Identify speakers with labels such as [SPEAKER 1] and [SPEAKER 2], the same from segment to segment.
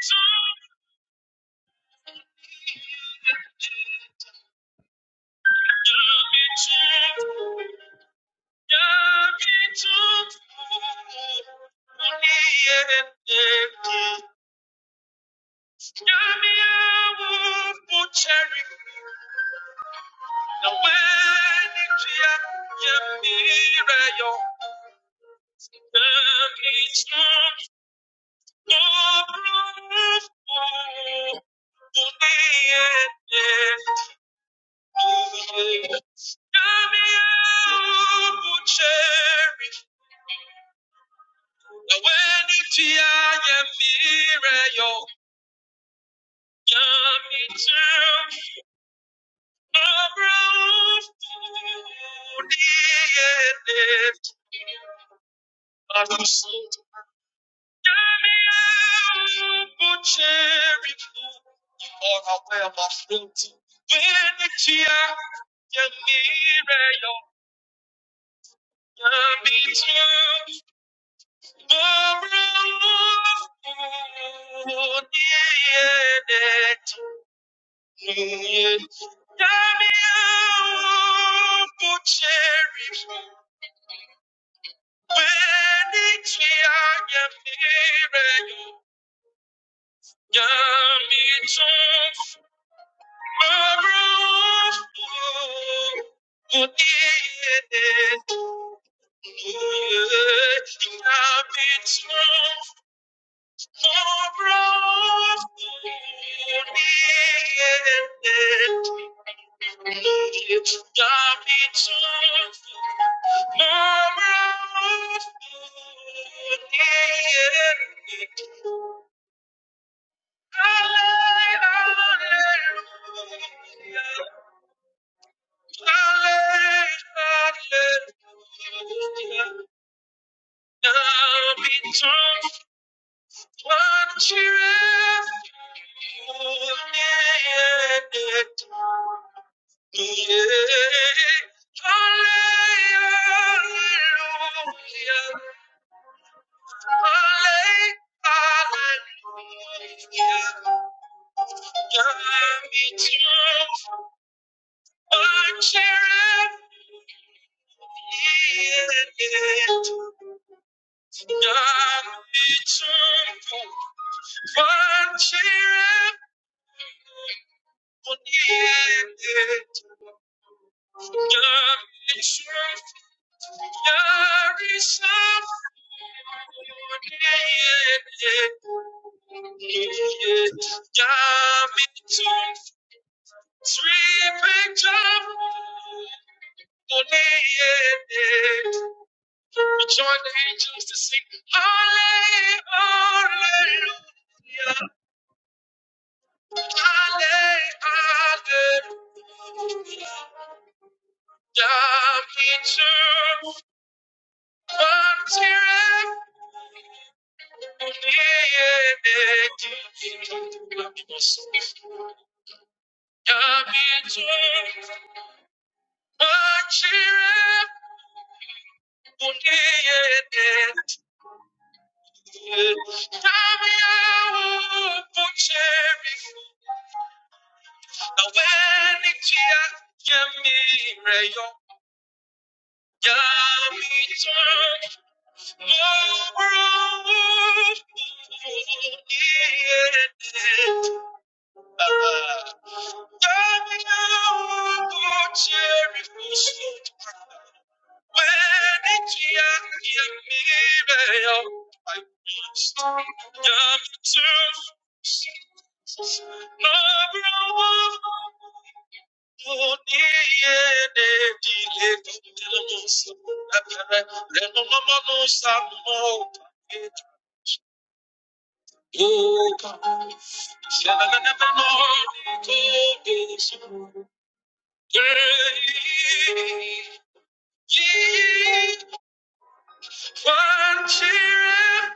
[SPEAKER 1] Yeah. Cherry Na w'anigye ayɛ mmerɛ yɔ, Nyamegyam, abrɛwodeɛ de ato. Nyame abotire mu, ɔna w'amafo nti, w'anigye ayɛ mmerɛ yɔ, Nyamegyam, abrɛwodeɛ de to. Yeah. Hallelujah. Yeah. We join the angels to sing Hallelujah, Hallelujah. Yamichem, Mantirem, Uneyedeti. Yabitwe bakire kuniyete Tamyawo bucheri Aweni chia yamireyo Yabitwe mobro kuniyete Tamyawo bucheri When it's young, you may I must come to Oh,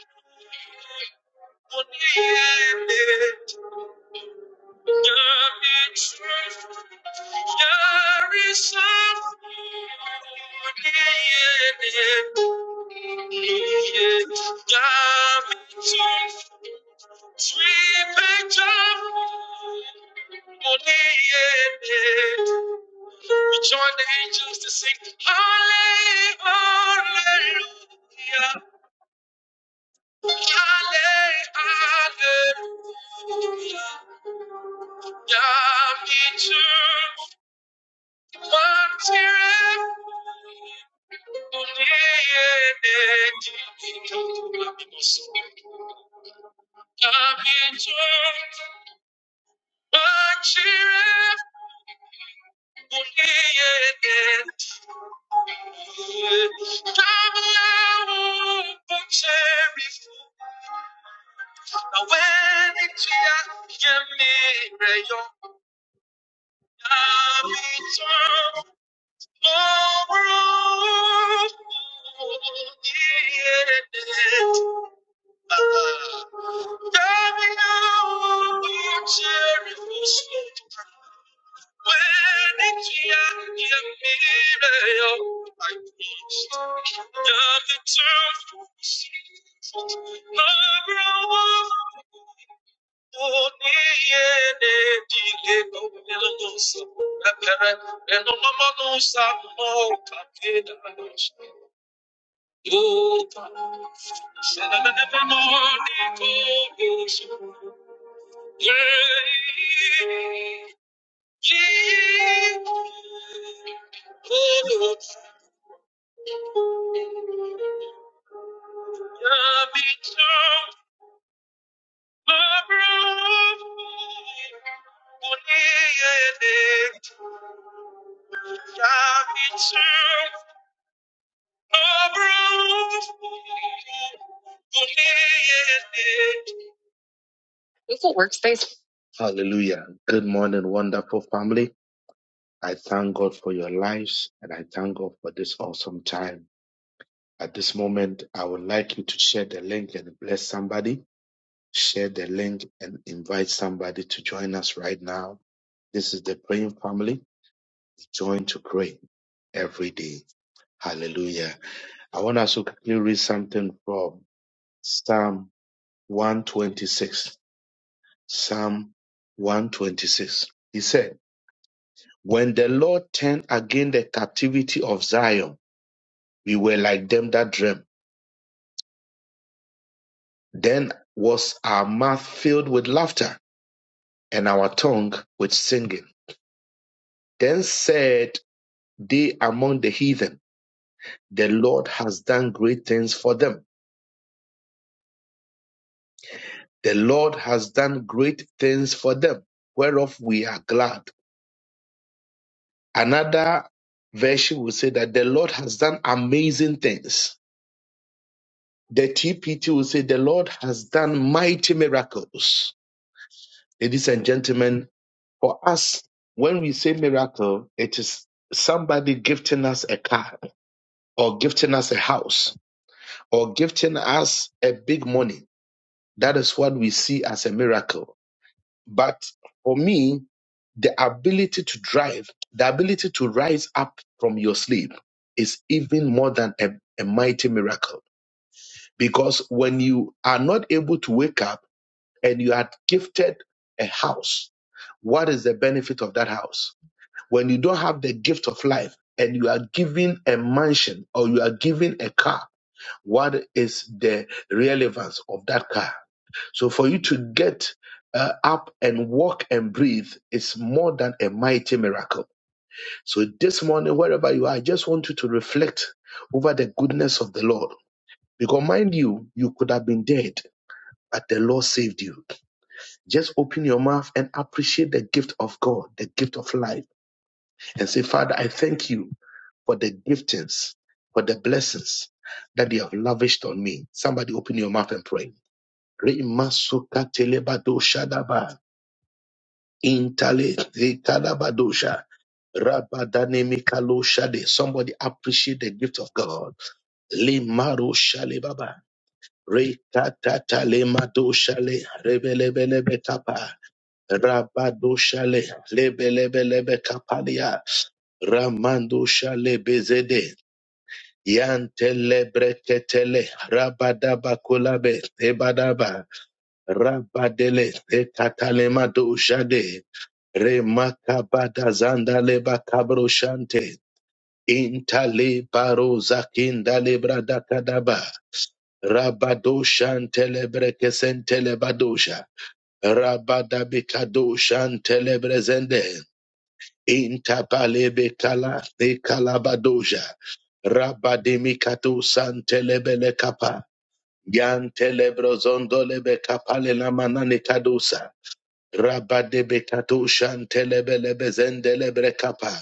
[SPEAKER 1] We join the angels to sing, Hallelujah, Hallelujah. Yami tu, Martyr. Yeah. Oh, Beautiful workspace. Hallelujah. Good morning, wonderful family. I thank God for your lives and I thank God for this awesome time. At this moment, I would like you to share the link and bless somebody. Share the link and invite somebody to join us right now. This is the praying family. Join to pray every day. Hallelujah. I want us to quickly read something from Psalm 126. Psalm 126. He said, When the Lord turned again the captivity of Zion, we were like them that dream. Then was our mouth filled with laughter and our tongue with singing. Then said they among the heathen, The Lord has done great things for them. The Lord has done great things for them, whereof we are glad. Another version will say that the Lord has done amazing things. The TPT will say, The Lord has done mighty miracles. Ladies and gentlemen, for us, when we say miracle, it is somebody gifting us a car or gifting us a house or gifting us a big money. That is what we see as a miracle. But for me, the ability to drive, the ability to rise up from your sleep is even more than a, a mighty miracle. Because when you are not able to wake up and you are gifted a house, what is the benefit of that house? When you don't have the gift of life and you are given a mansion or you are given a car, what is the relevance of that car? So for you to get uh, up and walk and breathe is more than a mighty miracle. So this morning, wherever you are, I just want you to reflect over the goodness of the Lord. Because mind you, you could have been dead, but the Lord saved you. Just open your mouth and appreciate the gift of God, the gift of life, and say, Father, I thank you for the giftings, for the blessings that you have lavished on me. Somebody open your mouth and pray. Re- masuka telebado shadaba. Intale Vikalabadosha. Rabadane Mikaloshade. Somebody appreciate the gift of God. Le Shale Baba. Rekatata le madoshale rebelebelebe kapa rabadoshale lebelebelebe kapalia Ramando Shale Bezede. Yantele breketele rabadaba kulabe ebadaba Rabadele Katalema Doshade Remakabada Zandaleba Kabroshante Intale Baro Zakinda Lebrada Kadaba Rabadoshantelebrekesentelebadosha Rabadabikadoshantelebresende Intabalebekala Nekalabadosha Rabademikato Santelebele Kapa Yantelebrozondo Lebe Kapale Lamanane Kadosa Rabadebe kato shantelebele bezendelebele kapa.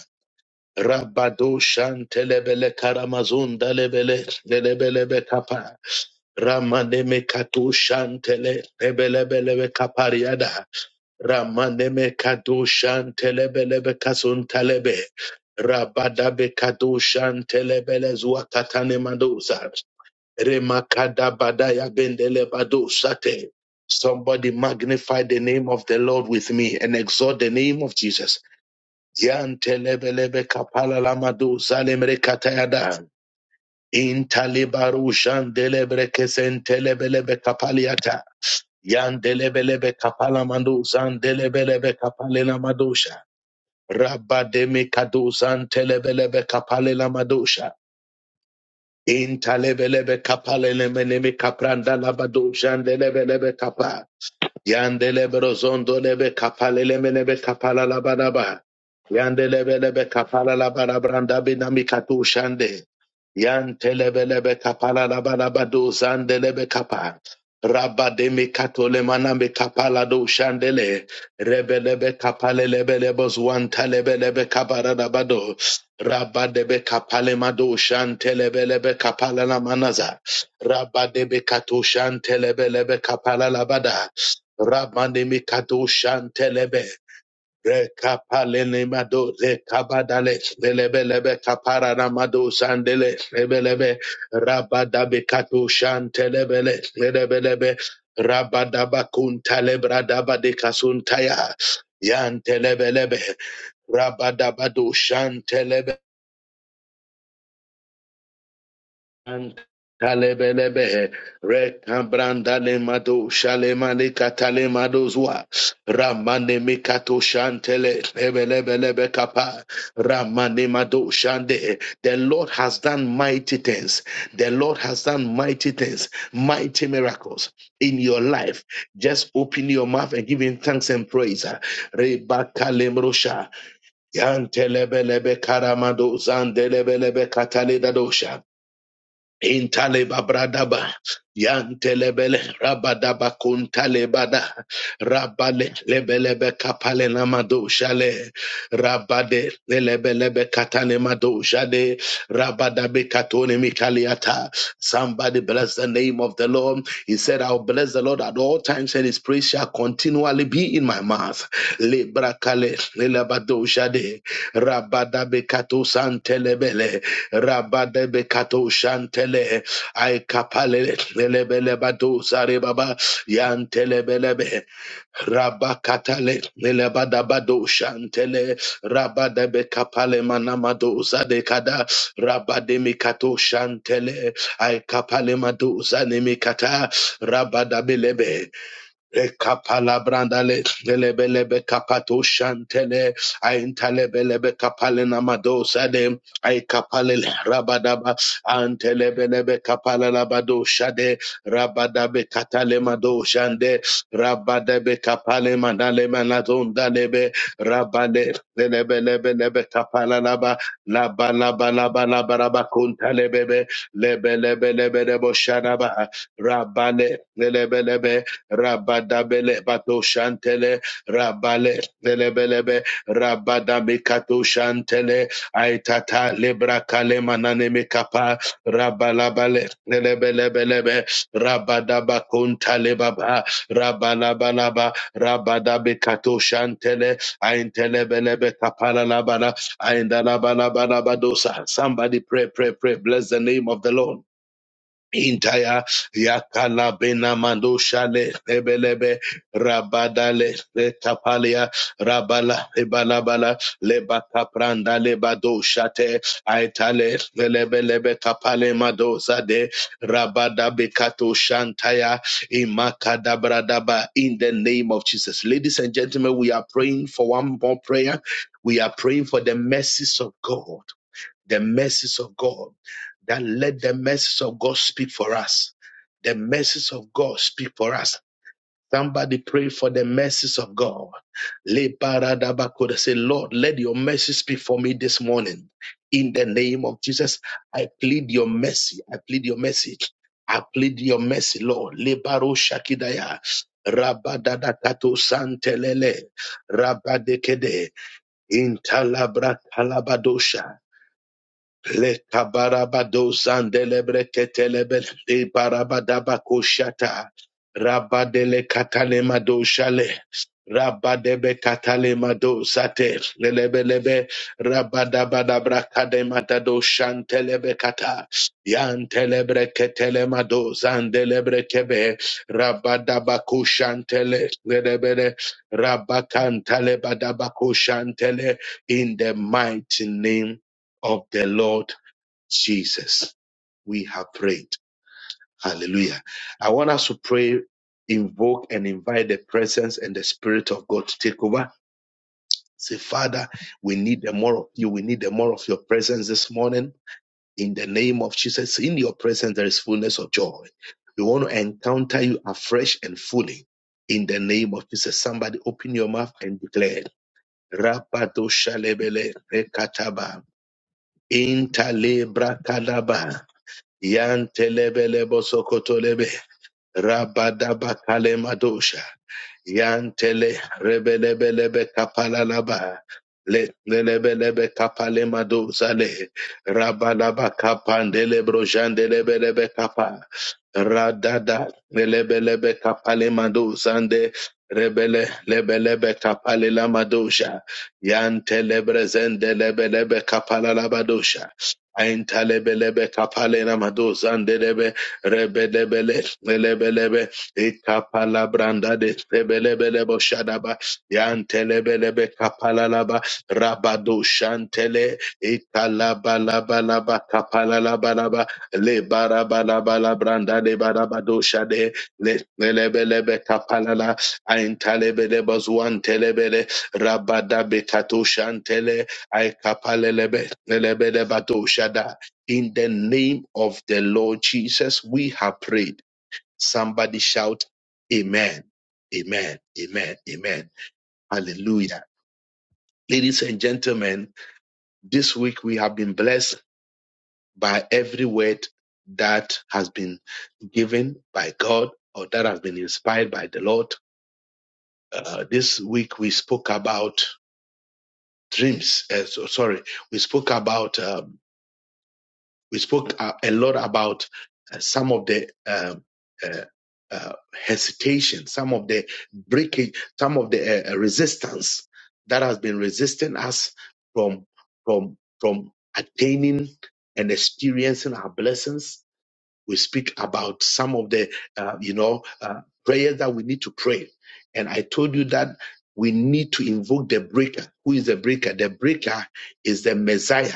[SPEAKER 1] Rabado shantelebele karamazon dalebele delebelebe kapa. Ramaneme kato shantele ebelebelebe kapariada. Ramaneme kato shantelebelebe kason talebe. Rabadabe kato shantelebele zuakatane madosa. Remakadabadaya bendele bado shate. Somebody magnify the name of the Lord with me and exalt the name of Jesus. Yantelebelebe kapala lamado zalemre katayada. Intalibaru shandelebre kesentelebelebe kapaliata. Yandelebelebe kapala mando zandelebelebe kapale lamadosha. Rabademe kado zantelebelebe kapale lamadosha. Intalebelebe kapalelemenemi kaprandalabado shandelebelebe kapa. Yandelebe rozondo lebe kapalele menebe kapala la baraba. Yandelebe lebe kapala la barabranda binami katu shande. Yantelebe lebe kapala la baraba do zande lebe kapa. Rabba de mi katole manami kapala do shandele. rebelebe lebe kapale lebe lebo zwanta lebe kabara da bado. Rabba de be kapale mado shante lebe kapala la manaza. Rabba de be katu shante lebe kapala la bada. Rabandemi kadoshan telebe. Rekapalene mado rekabadale lelebe lebe kapara namado sandele lebe lebe rabadabe kadoshan telebele lelebe rabadabado shan Kalebelebehe, rekambrandale mado, shalemale katale mado zwa, ramane mikato shantele, lebelebelebe kapa, ramane mado shande. The Lord has done mighty things. The Lord has done mighty things, mighty miracles in your life. Just open your mouth and give Him thanks and praise. Rebakalemrosha, yantelebelebe karamado, zandelebelebe katale dadosha. Intaleba bradaba yantelebele rabadaba kuntalebada rabale lebelebe kapale namado shale rabade lebelebe katane mado shade rabadabe katone mikaliata. Somebody bless the name of the Lord. He said, "I'll bless the Lord at all times, and His praise shall continually be in my mouth." Lebrakale lebado shade rabadabe kato santelebele Rabadebekato Shantele Aikapale Lebelebado Sarebaba Yantelebelebe Rabakatale Lebadabado Shantele Rabadebekapale Manamado Zadekada Rabademikato Shantele Aikapale Mado Zanemikata Rabadabelebe Rekapalabrandale, Lebelebe Kapato Shantele, Aintalebelebe Kapalena Madosade, Aikapale Rabadaba, Antelebelebe Kapalalabado Shade, Rabadabe Katale Madoshande, Rabadabe Kapale Manale Manazondalebe, Rabade, Lebelebelebe Kapalalaba, Laba Laba Laba Laba Laba Kuntalebebe, Lebelebelebe Debo Shanaba, Rabale, Lebelebe, Rabadabele Bato Shantele, Rabale Belebelebe, Rabadamikato Shantele, Aitata Lebra Kalemanane Mekapa, Rabalabale Belebelebelebe, Rabadabakunta Lebaba, Rabalabalaba, Rabadabikato Shantele, Aintelebelebe Kapala Labala, Aindalabalabadosa. Somebody pray, pray, pray, bless the name of the Lord. Intaya yakala bena mando shale lebelebe rabadale le tapalia rabala ebala bala leba kapranda leba do shate aitale lebelebe kapale mado zade rabada bekato shantaya imakada bradaba in the name of Jesus. Ladies and gentlemen, we are praying for one more prayer. We are praying for the mercies of God the mercies of God, that let the mercies of God speak for us. The mercies of God speak for us. Somebody pray for the mercies of God. Le paradabakoda. Say, Lord, let your mercy speak for me this morning. In the name of Jesus, I plead your mercy. I plead your mercy. I plead your mercy, Lord. Le shakidaya. Rabadadakato santelele. Rabadekede. Intalabra talabadosha. Lekabarabado sandelebre ketelebe de barabadaba koshata. Rabadele katale mado shale. Rabadebe katale mado sate. Lelebelebe rabadabadabra kadema shantelebe kata. Yantelebre ketele mado zandelebre kebe. Rabadaba koshantele. Lelebele rabakantale badaba koshantele. In the mighty name of the Lord Jesus, we have prayed. Hallelujah. I want us to pray, invoke, and invite the presence and the Spirit of God to take over. Say, Father, we need the more of you. We need the more of your presence this morning. In the name of Jesus, in your presence, there is fullness of joy. We want to encounter you afresh and fully. In the name of Jesus, somebody open your mouth and declare. Rapato shalebele rekataba. Intalebra kalaba. Yan telebele Yantelebelebo sokotolebe. Rabadaba kalemadosha. Yantele rebelebelebe kapalalaba. Le lebelebe kapale madozale. Rabalaba kapandele brojandelebelebe kapa. Radada lebelebe kapale madozande. Rebele lebelebe kapale la madosha. Yantele brezende lebelebe kapala la madosha. Aintalebelebe kapale la madozande lebe rebelebele lebelebe Ikapala branda de sebelebele bo shadaba. Yantelebelebe kapalalaba. Rabado shantele. Ikalabalaba kapalalabalaba. Le barabalabala branda de barabado shade. Le lebelebe kapalala. Aintalebele bazuan telebele. Rabada bekato shantele. Aikapalelebe. Lebele bato shada. In the name of the Lord Jesus, we have prayed. Somebody shout, Amen, Amen, Amen, Amen. Hallelujah. Ladies and gentlemen, this week we have been blessed by every word that has been given by God or that has been inspired by the Lord. Uh, this week we spoke about dreams. Uh, so, sorry, we spoke about uh, we spoke a, a lot about uh, some of the um, uh, uh, hesitation, some of the breakage, some of the uh, uh, resistance that has been resisting us from from from attaining and experiencing our blessings we speak about some of the uh, you know uh, prayers that we need to pray and i told you that we need to invoke the breaker who is the breaker the breaker is the messiah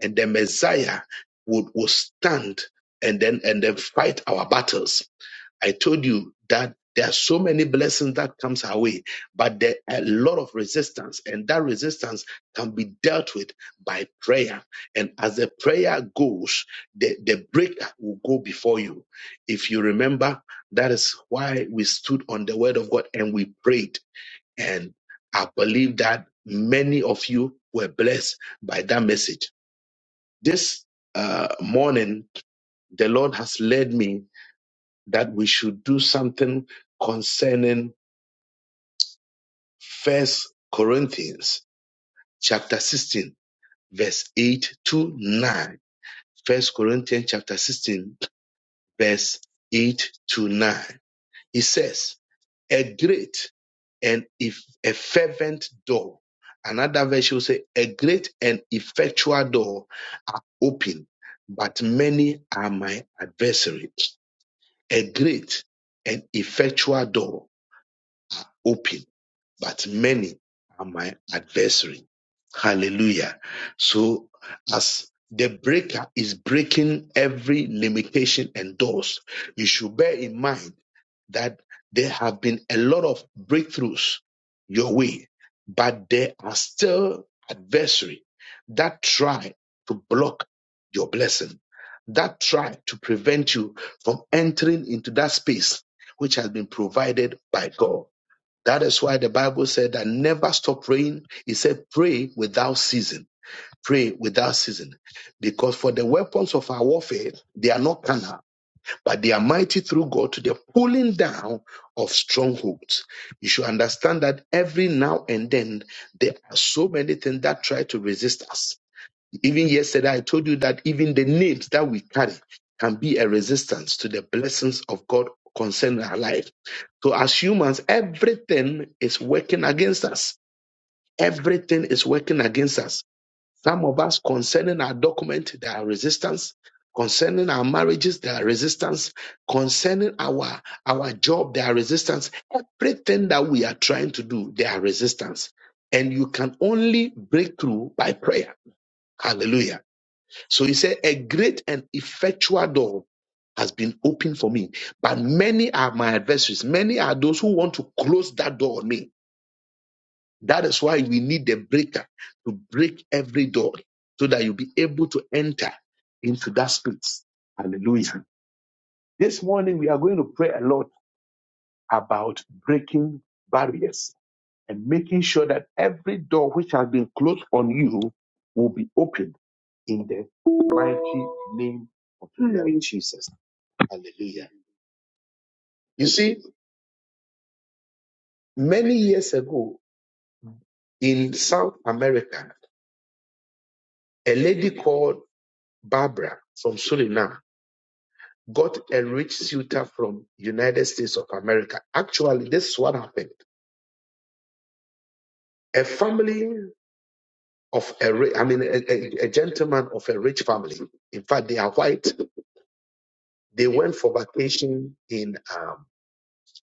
[SPEAKER 1] and the messiah would will stand and then and then fight our battles I told you that there are so many blessings that comes our way, but there are a lot of resistance, and that resistance can be dealt with by prayer. And as the prayer goes, the, the breaker will go before you. If you remember, that is why we stood on the word of God and we prayed. And I believe that many of you were blessed by that message. This uh, morning, the Lord has led me that we should do something concerning First Corinthians chapter 16, verse 8 to 9. First Corinthians chapter 16, verse 8 to 9. He says, A great and if a fervent door. Another version will say, A great and effectual door are open, but many are my adversaries. A great and effectual door open but many are my adversary. Hallelujah. So as the breaker is breaking every limitation and doors, you should bear in mind that there have been a lot of breakthroughs your way, but there are still adversary that try to block your blessing, that try to prevent you from entering into that space which has been provided by God. That is why the Bible said that never stop praying. It said, pray without ceasing. Pray without ceasing. Because for the weapons of our warfare, they are not carnal, but they are mighty through God to the pulling down of strongholds. You should understand that every now and then, there are so many things that try to resist us even yesterday, I told you that even the names that we carry can be a resistance to the blessings of God concerning our life. So, as humans, everything is working against us. Everything is working against us. Some of us, concerning our document, there are resistance. Concerning our marriages, there are resistance. Concerning our our job, there are resistance. Everything that we are trying to do, there are resistance. And you can only break through by prayer. Hallelujah. So he said, A great and effectual door has been opened for me, but many are my adversaries. Many are those who want to close that door on me. That is why we need the breaker to break every door so that you'll be able to enter into that space. Hallelujah. This morning, we are going to pray a lot about breaking barriers and making sure that every door which has been closed on you will be opened in the mighty name of the Lord Jesus. Hallelujah. You see, many years ago in South America, a lady called Barbara from Suriname got a rich suitor from United States of America. Actually, this is what happened. A family of a, ri- I mean, a, a a gentleman of a rich family. In fact, they are white. They went for vacation in, um,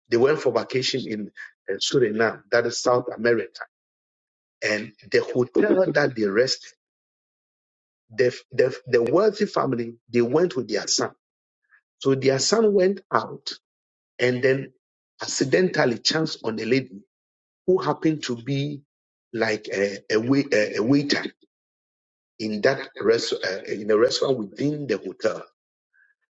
[SPEAKER 1] they went for vacation in uh, Suriname, that is South America. And the hotel that they rested the, the, the wealthy family, they went with their son. So their son went out and then accidentally chanced on a lady who happened to be like a, a, wai- a, a waiter in that rest, uh, in a restaurant within the hotel.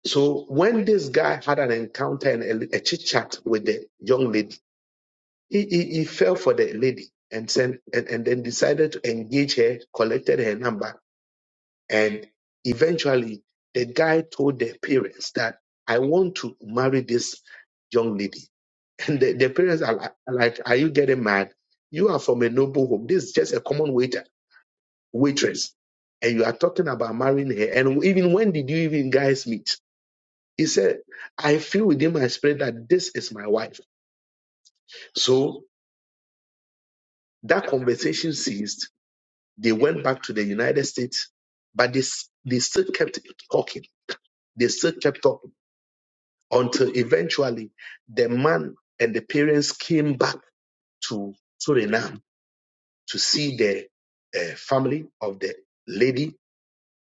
[SPEAKER 1] So when this guy had an encounter and a, a chit chat with the young lady, he, he, he fell for the lady and sent and, and then decided to engage her, collected her number And eventually, the guy told the parents that I want to marry this young lady. And the, the parents are like, are like, Are you getting mad? You are from a noble home. This is just a common waiter, waitress. And you are talking about marrying her. And even when did you even guys meet? He said, I feel within my spirit that this is my wife. So that conversation ceased. They went back to the United States, but they, s- they still kept talking. They still kept talking until eventually the man and the parents came back to Suriname to see the uh, family of the lady,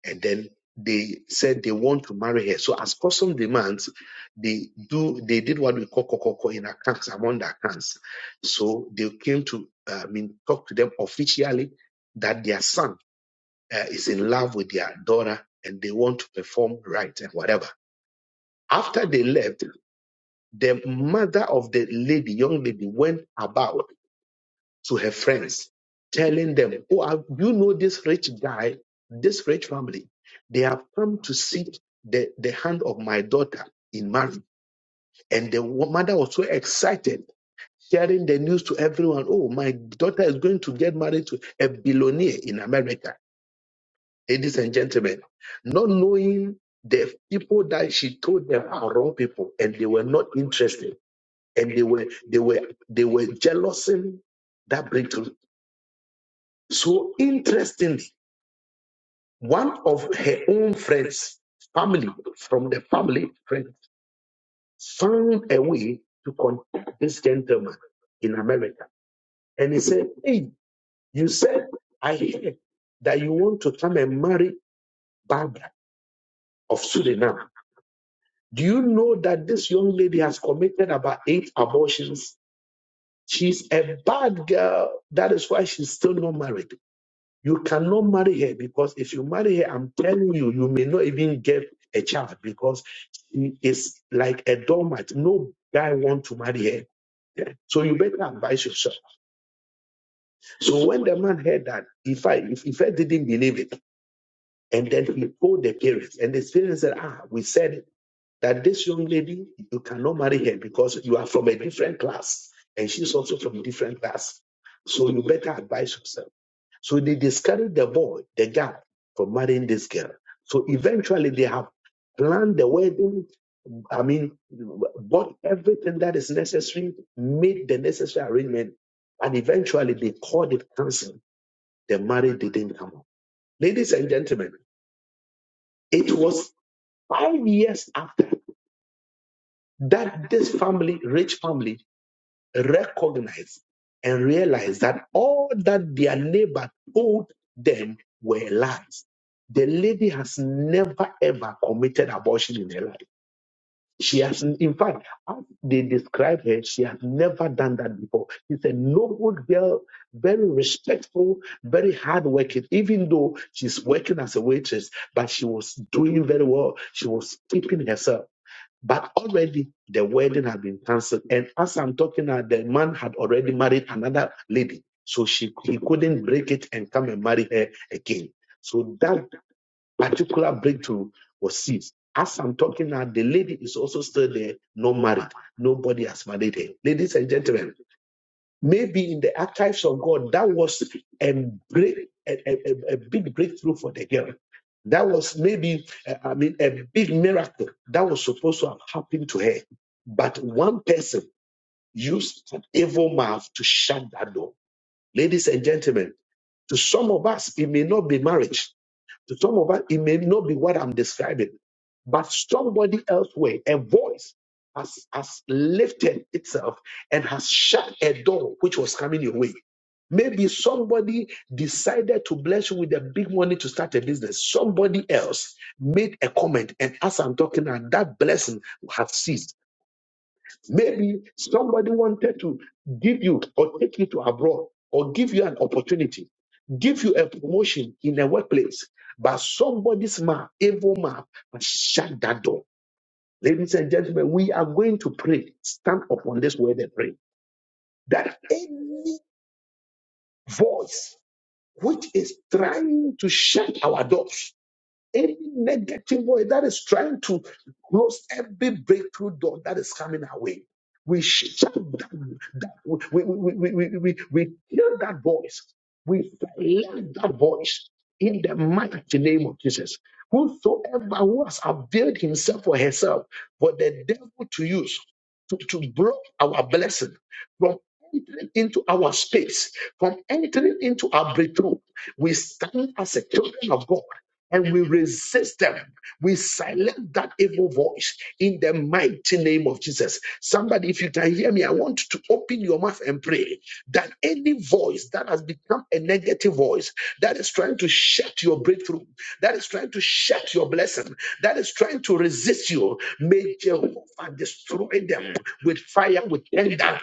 [SPEAKER 1] and then they said they want to marry her. So, as custom demands, they do they did what we call kokoko in accounts among the accounts. So they came to uh, I mean talk to them officially that their son uh, is in love with their daughter and they want to perform right and whatever. After they left, the mother of the lady, young lady, went about to her friends, telling them, Oh, I- you know this rich guy, this rich family, they have come to seek the, the hand of my daughter in marriage. And the wo- mother was so excited, sharing the news to everyone. Oh, my daughter is going to get married to a billionaire in America. Ladies and gentlemen, not knowing the people that she told them are wrong people and they were not interested and they were they were they were jealousing that breakthrough. So interestingly, one of her own friends, family from the family friend, found a way to contact this gentleman in America, and he said, "Hey, you said I heard that you want to come and marry Barbara of Suriname. Do you know that this young lady has committed about eight abortions? She's a bad girl. That is why she's still not married." You cannot marry her because if you marry her, I'm telling you, you may not even get a child because she is like a doormat. No guy want to marry her. Yeah. So you better advise yourself. So when the man heard that, if I if, if I didn't believe it, and then he told the parents, and the parents said, Ah, we said it, that this young lady, you cannot marry her because you are from a different class, and she's also from a different class. So you better advise yourself. So they discouraged the boy, the guy, from marrying this girl. So eventually they have planned the wedding. I mean, bought everything that is necessary, made the necessary arrangement, and eventually they called it cancelled. The marriage didn't come up. Ladies and gentlemen, it was five years after that this family, rich family, recognize and realize that all that their neighbor told them were lies. The lady has never ever committed abortion in her life. She has, in fact, as they describe her, she has never done that before. She's a noble girl, very respectful, very hardworking, even though she's working as a waitress, but she was doing very well. She was keeping herself. But already the wedding had been cancelled. And as I'm talking now, the man had already married another lady. So she he couldn't break it and come and marry her again. So that particular breakthrough was seized. As I'm talking now, the lady is also still there, not married. Nobody has married her. Ladies and gentlemen, Maybe in the archives of God, that was a, break, a, a, a big breakthrough for the girl. That was maybe, uh, I mean, a big miracle that was supposed to have happened to her. But one person used an evil mouth to shut that door. Ladies and gentlemen, to some of us, it may not be marriage to some of us, it may not be what I'm describing, but somebody elsewhere, a voice has, has lifted itself and has shut a door which was coming your way. Maybe somebody decided to bless you with a big money to start a business. Somebody else made a comment, and as I'm talking now, that blessing has ceased Maybe somebody wanted to give you or take you to abroad or give you an opportunity, give you a promotion in a workplace, but somebody's mouth, evil mouth, has shut that door. Ladies and gentlemen, we are going to pray. Stand upon this word and pray that any voice which is trying to shut our doors Any negative voice that is trying to close every breakthrough door that is coming our way, we shut down that. We, we, we, we, we, we kill that voice. We silence that voice in the mighty name of Jesus. Whosoever who has availed himself or herself for the devil to use to, to block our blessing from entering into our space, from entering into our breakthrough, we stand as a children of God and we resist them. We silence that evil voice in the mighty name of Jesus. Somebody, if you can hear me, I want to open your mouth and pray that any voice that has become a negative voice that is trying to shut your breakthrough, that is trying to shut your blessing, that is trying to resist you, may Jehovah destroy them with fire, with tender,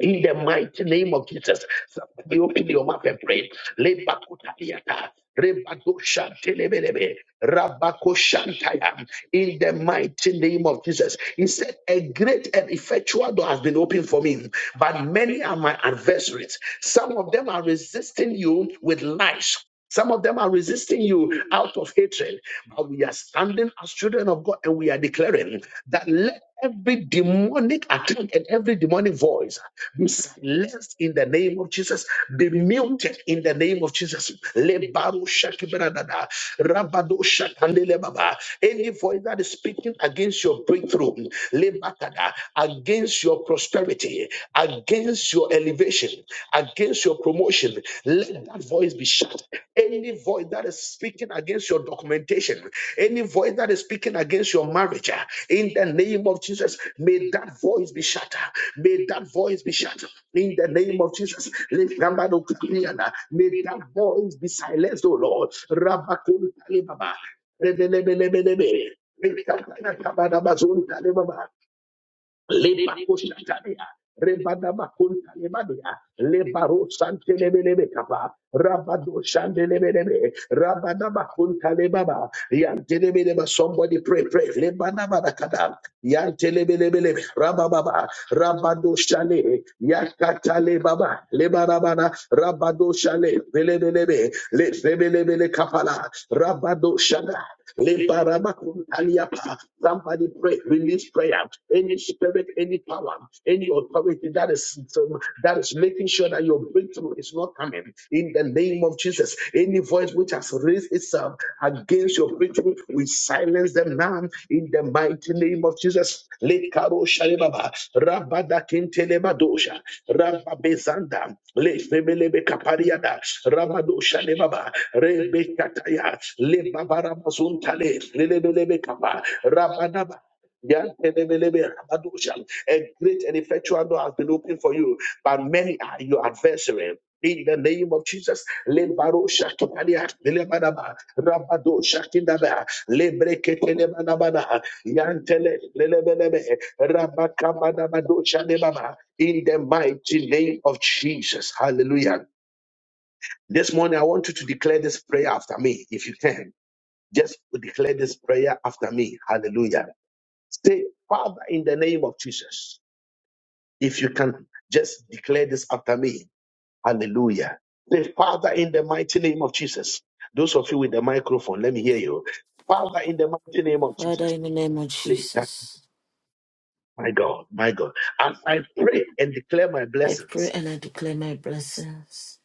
[SPEAKER 1] in the mighty name of Jesus, somebody open your mouth and pray. Lebakutariata, rebadoshantelebelebe, rabakoshantaya. In the mighty name of Jesus, He said, A great and effectual door has been opened for me, but many are my adversaries. Some of them are resisting you with lies, some of them are resisting you out of hatred, but we are standing as children of God and we are declaring that let every demonic attack and every demonic voice be silenced in the name of Jesus, be muted in the name of Jesus. Lebaro shakibradada, rabado shakandelebaba. Any voice that is speaking against your breakthrough, lebakada, against your your prosperity, against your elevation, against your promotion. Let that voice be shut. Any voice that is speaking against your documentation, any voice that is speaking against your marriage, uh, in the name of Jesus, may that voice be shut. May that voice be shut. In the name of Jesus, let number no clear. may that voice be silenced, oh Lord. Rabakun Kalibaba. Rebelebelebelebe. Rekabana kabana bazun kalibaba. Lebakoshataria, Rebadabakuntalebadea, Lebaro Santelebelebe Kapa, Rabado Shandelebelebe, Rabadabakuntalebaba, Yantelebeleba, somebody pray, pray, Lebadabadakada, Yantelebelebelebe, Rabababa, Rabado Shale, Yakatalebaba, Lebarabana, Rabado Shale, Belebelebe, Lebelebele Kapala, Rabado Shada, Lebarabakutaliapa. Somebody pray, release prayer. Any spirit, any power, any authority that is that is making sure that your breakthrough is not coming. In the name of Jesus, any voice which has raised itself against your breakthrough, we silence them now in the mighty name of Jesus. Lekaro Sharebaba, Rabada Kintelebadosha, Rababezanda, Lefebelebe Kapariada, Rabado Sharebaba, Rebekataya, Lebabaramazuntale, Lelebelebe Kapa, Rabadaba. Yantelebelebe A great and effectual door has been opened for you, but many are your adversary. In the name of Jesus, Lebaro Shakitalia, Lebadaba, Rabado Shakindaba, Lebreketelebanabana, Yantele, Lelebelebe, Rabakabanabadoshanebaba, In the mighty name of Jesus. Hallelujah. This morning, I want you to declare this prayer after me, if you can. Just declare this prayer after me. Hallelujah. Say, Father, in the name of Jesus, if you can just declare this after me. Hallelujah. Say, Father, in the mighty name of Jesus. Those of you with the microphone, let me hear you. Father, in the mighty name of
[SPEAKER 2] Father,
[SPEAKER 1] Jesus.
[SPEAKER 2] in the name of Jesus,
[SPEAKER 1] My God, my God. And I pray and declare my
[SPEAKER 2] I pray
[SPEAKER 1] blessings.
[SPEAKER 2] and I declare my blessings.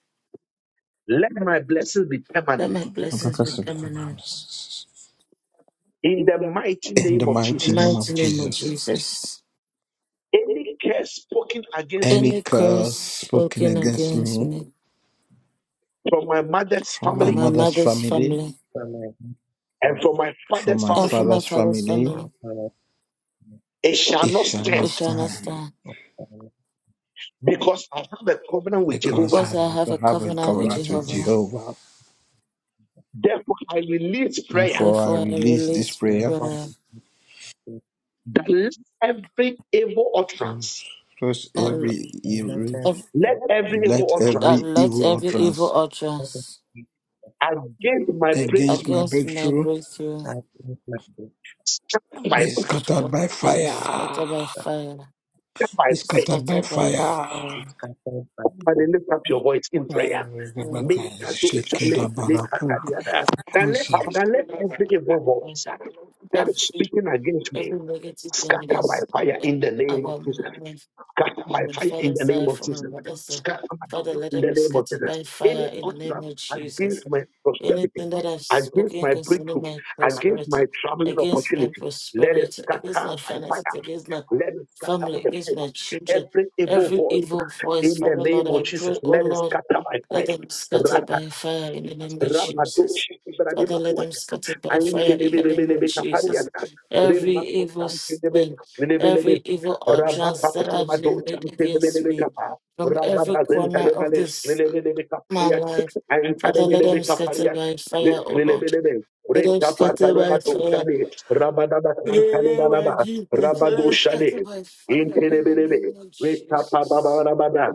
[SPEAKER 1] Let my blessings be permanent
[SPEAKER 2] Let my
[SPEAKER 3] and
[SPEAKER 2] blessings be
[SPEAKER 3] progressive
[SPEAKER 2] permanent.
[SPEAKER 3] commandments.
[SPEAKER 1] in the mighty
[SPEAKER 3] In the
[SPEAKER 1] name of
[SPEAKER 2] In the
[SPEAKER 3] mighty name
[SPEAKER 1] Jesus.
[SPEAKER 3] of
[SPEAKER 2] mighty name of
[SPEAKER 3] Jesus.
[SPEAKER 2] Jesus.
[SPEAKER 1] Any curse spoken against
[SPEAKER 3] Any
[SPEAKER 2] Any
[SPEAKER 1] me
[SPEAKER 2] curse
[SPEAKER 3] curse spoken
[SPEAKER 2] spoken
[SPEAKER 3] against
[SPEAKER 2] against
[SPEAKER 3] me
[SPEAKER 2] me
[SPEAKER 1] from my mother's
[SPEAKER 3] from
[SPEAKER 2] for
[SPEAKER 3] my
[SPEAKER 1] family
[SPEAKER 2] my
[SPEAKER 3] mother's
[SPEAKER 2] mother's
[SPEAKER 3] family,
[SPEAKER 2] family
[SPEAKER 4] Scattered
[SPEAKER 1] and from my
[SPEAKER 3] from
[SPEAKER 1] father's
[SPEAKER 3] my
[SPEAKER 2] and for
[SPEAKER 1] family,
[SPEAKER 2] my
[SPEAKER 3] father's
[SPEAKER 2] father's
[SPEAKER 3] family,
[SPEAKER 2] family,
[SPEAKER 1] it shall
[SPEAKER 3] it
[SPEAKER 1] not
[SPEAKER 3] shall
[SPEAKER 2] we
[SPEAKER 3] not
[SPEAKER 1] stand
[SPEAKER 2] shall not
[SPEAKER 3] stand
[SPEAKER 2] stand.
[SPEAKER 1] because I have a covenant with
[SPEAKER 3] because
[SPEAKER 1] Jehovah.
[SPEAKER 2] Because I
[SPEAKER 3] I
[SPEAKER 2] have a
[SPEAKER 3] have have a
[SPEAKER 2] covenant with
[SPEAKER 3] covenant with
[SPEAKER 2] Jehovah,
[SPEAKER 3] Jehovah.
[SPEAKER 1] Therefore, I release prayer
[SPEAKER 3] Therefore, I
[SPEAKER 2] therefore I
[SPEAKER 3] release this
[SPEAKER 2] release
[SPEAKER 3] prayer
[SPEAKER 2] prayer
[SPEAKER 1] that let every evil
[SPEAKER 3] to
[SPEAKER 1] utterance,
[SPEAKER 3] close
[SPEAKER 2] that
[SPEAKER 3] every evil
[SPEAKER 2] ev-
[SPEAKER 1] let every
[SPEAKER 3] and
[SPEAKER 1] evil
[SPEAKER 3] let
[SPEAKER 1] utterance
[SPEAKER 2] that
[SPEAKER 3] every
[SPEAKER 2] let
[SPEAKER 3] evil
[SPEAKER 2] every
[SPEAKER 3] utterance
[SPEAKER 2] evil utterance
[SPEAKER 1] against my
[SPEAKER 3] against
[SPEAKER 1] breakthrough,
[SPEAKER 3] my
[SPEAKER 2] against my
[SPEAKER 3] breakthrough
[SPEAKER 2] breakthrough
[SPEAKER 1] scatter my,
[SPEAKER 3] be
[SPEAKER 2] be
[SPEAKER 1] scatter
[SPEAKER 3] scattered
[SPEAKER 2] struck
[SPEAKER 3] by
[SPEAKER 2] by
[SPEAKER 3] fire.
[SPEAKER 2] scatter by fire
[SPEAKER 1] my
[SPEAKER 3] Be
[SPEAKER 1] fire
[SPEAKER 3] scattered by
[SPEAKER 2] scattered by
[SPEAKER 3] fire.
[SPEAKER 2] fire.
[SPEAKER 4] by
[SPEAKER 1] Somebody lift up your voice in prayer.
[SPEAKER 3] Rebecca
[SPEAKER 1] Make a do-
[SPEAKER 3] Shekela
[SPEAKER 1] challenge, make a
[SPEAKER 3] Barapuk
[SPEAKER 1] carrier.
[SPEAKER 3] Concept
[SPEAKER 1] Father, let every evil voice that
[SPEAKER 2] Every
[SPEAKER 1] is speaking against me
[SPEAKER 2] every negative thing
[SPEAKER 1] scatter by
[SPEAKER 2] that's
[SPEAKER 1] fire
[SPEAKER 2] uh,
[SPEAKER 1] in the name of
[SPEAKER 2] about my
[SPEAKER 1] Jesus.
[SPEAKER 2] life,
[SPEAKER 1] Scatter my
[SPEAKER 2] from my
[SPEAKER 1] fire in
[SPEAKER 2] father's
[SPEAKER 1] the name
[SPEAKER 2] side,
[SPEAKER 1] of
[SPEAKER 2] from my
[SPEAKER 1] Jesus.
[SPEAKER 2] mother's side,
[SPEAKER 1] Scatter by
[SPEAKER 2] Father,
[SPEAKER 1] fire
[SPEAKER 2] let
[SPEAKER 1] in the
[SPEAKER 2] them be
[SPEAKER 1] name of
[SPEAKER 2] scattered
[SPEAKER 1] Jesus.
[SPEAKER 2] by
[SPEAKER 1] Any
[SPEAKER 2] fire in the name
[SPEAKER 1] utterance
[SPEAKER 2] of Jesus.
[SPEAKER 1] against my prosperity,
[SPEAKER 2] Anything that I've
[SPEAKER 1] against
[SPEAKER 2] spoken
[SPEAKER 1] my
[SPEAKER 2] concerning
[SPEAKER 1] breakthrough,
[SPEAKER 2] my
[SPEAKER 1] against
[SPEAKER 2] prosperity,
[SPEAKER 1] my traveling
[SPEAKER 2] against my
[SPEAKER 1] opportunity, let it
[SPEAKER 2] prosperity, against
[SPEAKER 1] scatter
[SPEAKER 2] my
[SPEAKER 1] by
[SPEAKER 2] finances,
[SPEAKER 1] fire.
[SPEAKER 2] against my
[SPEAKER 1] Let it scatter
[SPEAKER 2] family,
[SPEAKER 1] by
[SPEAKER 2] against
[SPEAKER 1] fire.
[SPEAKER 2] my children,
[SPEAKER 1] Every evil
[SPEAKER 2] every
[SPEAKER 1] voice
[SPEAKER 2] evil voice,
[SPEAKER 1] in the
[SPEAKER 2] Father,
[SPEAKER 1] name
[SPEAKER 2] Lord,
[SPEAKER 1] of
[SPEAKER 2] I
[SPEAKER 1] Jesus,
[SPEAKER 2] pray, oh
[SPEAKER 1] let it
[SPEAKER 2] Lord.
[SPEAKER 1] scatter by
[SPEAKER 2] Let them
[SPEAKER 1] fire.
[SPEAKER 2] scattered by fire in the name of Jesus.
[SPEAKER 1] Rabadoshi Ibrahim
[SPEAKER 2] Father, let them
[SPEAKER 1] Apuata,
[SPEAKER 2] scattered by fire in the name of
[SPEAKER 1] Antelebelebelebe
[SPEAKER 2] Jesus.
[SPEAKER 1] Kapariata,
[SPEAKER 2] Every
[SPEAKER 1] Remako
[SPEAKER 2] evil
[SPEAKER 1] Santelebe,
[SPEAKER 2] thing,
[SPEAKER 1] Lebelebe,
[SPEAKER 2] every evil utterance that has been
[SPEAKER 1] Rabakapamado
[SPEAKER 2] made against
[SPEAKER 1] Santelebelebe
[SPEAKER 2] me
[SPEAKER 1] Kapa,
[SPEAKER 2] from every corner of
[SPEAKER 1] Rabazentalebele,
[SPEAKER 2] this
[SPEAKER 1] Lebelebe
[SPEAKER 2] my
[SPEAKER 1] Kapariat,
[SPEAKER 2] life, Father, let them
[SPEAKER 1] Antelebelebe
[SPEAKER 2] scatter
[SPEAKER 1] Kapariat,
[SPEAKER 2] by fire, O Lord.
[SPEAKER 1] Lebelebe,
[SPEAKER 2] Let them scatter by
[SPEAKER 1] Rekapatalemato
[SPEAKER 2] fire.
[SPEAKER 1] Shade, Rabadaba
[SPEAKER 2] In the name of
[SPEAKER 1] Santalebanaba,
[SPEAKER 2] Jesus, let
[SPEAKER 1] Rabado
[SPEAKER 2] them scatter
[SPEAKER 1] Shade,
[SPEAKER 2] by fire in the
[SPEAKER 1] Intelebelebe,
[SPEAKER 2] name of Jesus.
[SPEAKER 1] Rekapababa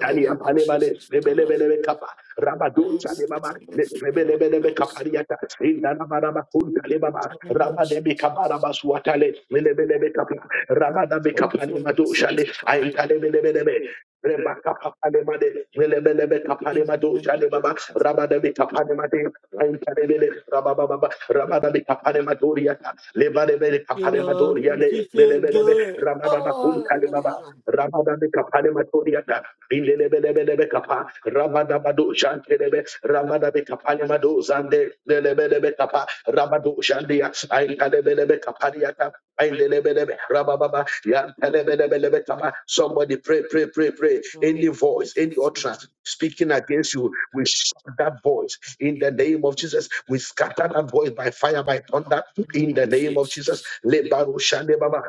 [SPEAKER 2] In the name of
[SPEAKER 1] palemane,
[SPEAKER 2] Jesus, Father, Lord.
[SPEAKER 1] lebelebelebe kapa, rabado
[SPEAKER 2] Yes,
[SPEAKER 1] chale
[SPEAKER 2] that's
[SPEAKER 1] mama,
[SPEAKER 2] a
[SPEAKER 1] le-
[SPEAKER 2] lift for our
[SPEAKER 1] lebelebelebe
[SPEAKER 2] Lords.
[SPEAKER 1] kapariata, indana maraba kunta le mama,
[SPEAKER 2] In the name of
[SPEAKER 1] rabade be kabara
[SPEAKER 2] Jesus.
[SPEAKER 1] basuatale, lebelebe kapa, rabada be
[SPEAKER 2] Oh,
[SPEAKER 1] kapane mado
[SPEAKER 2] yes, it's
[SPEAKER 1] chale,
[SPEAKER 2] God.
[SPEAKER 1] aintale belebelebe, reba kapa pale made, lebelebe kapane mado
[SPEAKER 2] Amen.
[SPEAKER 1] chale mama, rabada be kapane made, aintale bele, rababa baba, rabada be kapane madoriata, lebelebe
[SPEAKER 2] You
[SPEAKER 1] kapane
[SPEAKER 2] are, you
[SPEAKER 1] madoriale,
[SPEAKER 2] give you
[SPEAKER 1] lebelebe,
[SPEAKER 2] glory.
[SPEAKER 1] rabada bakunta
[SPEAKER 2] Oh,
[SPEAKER 1] le mama,
[SPEAKER 2] hallelujah.
[SPEAKER 1] rabada be kapani madoriata, Ilelebelebelebe kapa, rabadabado shantelebe, rabadabe kapanemado zande, lelebelebe kapa, rabado shandia, aintelebelebe kapariata, aintelebelebe, rabababa, yantelebelebelebe kapa. Somebody pray, pray, pray, pray. Any
[SPEAKER 2] Hallelujah. Thank
[SPEAKER 1] voice,
[SPEAKER 2] you
[SPEAKER 1] any
[SPEAKER 2] for
[SPEAKER 1] utterance
[SPEAKER 2] the
[SPEAKER 1] speaking against you, we shut that voice in the name of Jesus. We scatter that voice by fire, by thunder
[SPEAKER 2] name
[SPEAKER 1] in the
[SPEAKER 2] of
[SPEAKER 1] name of Jesus.
[SPEAKER 2] Jesus.
[SPEAKER 1] Lebaru Shande Baba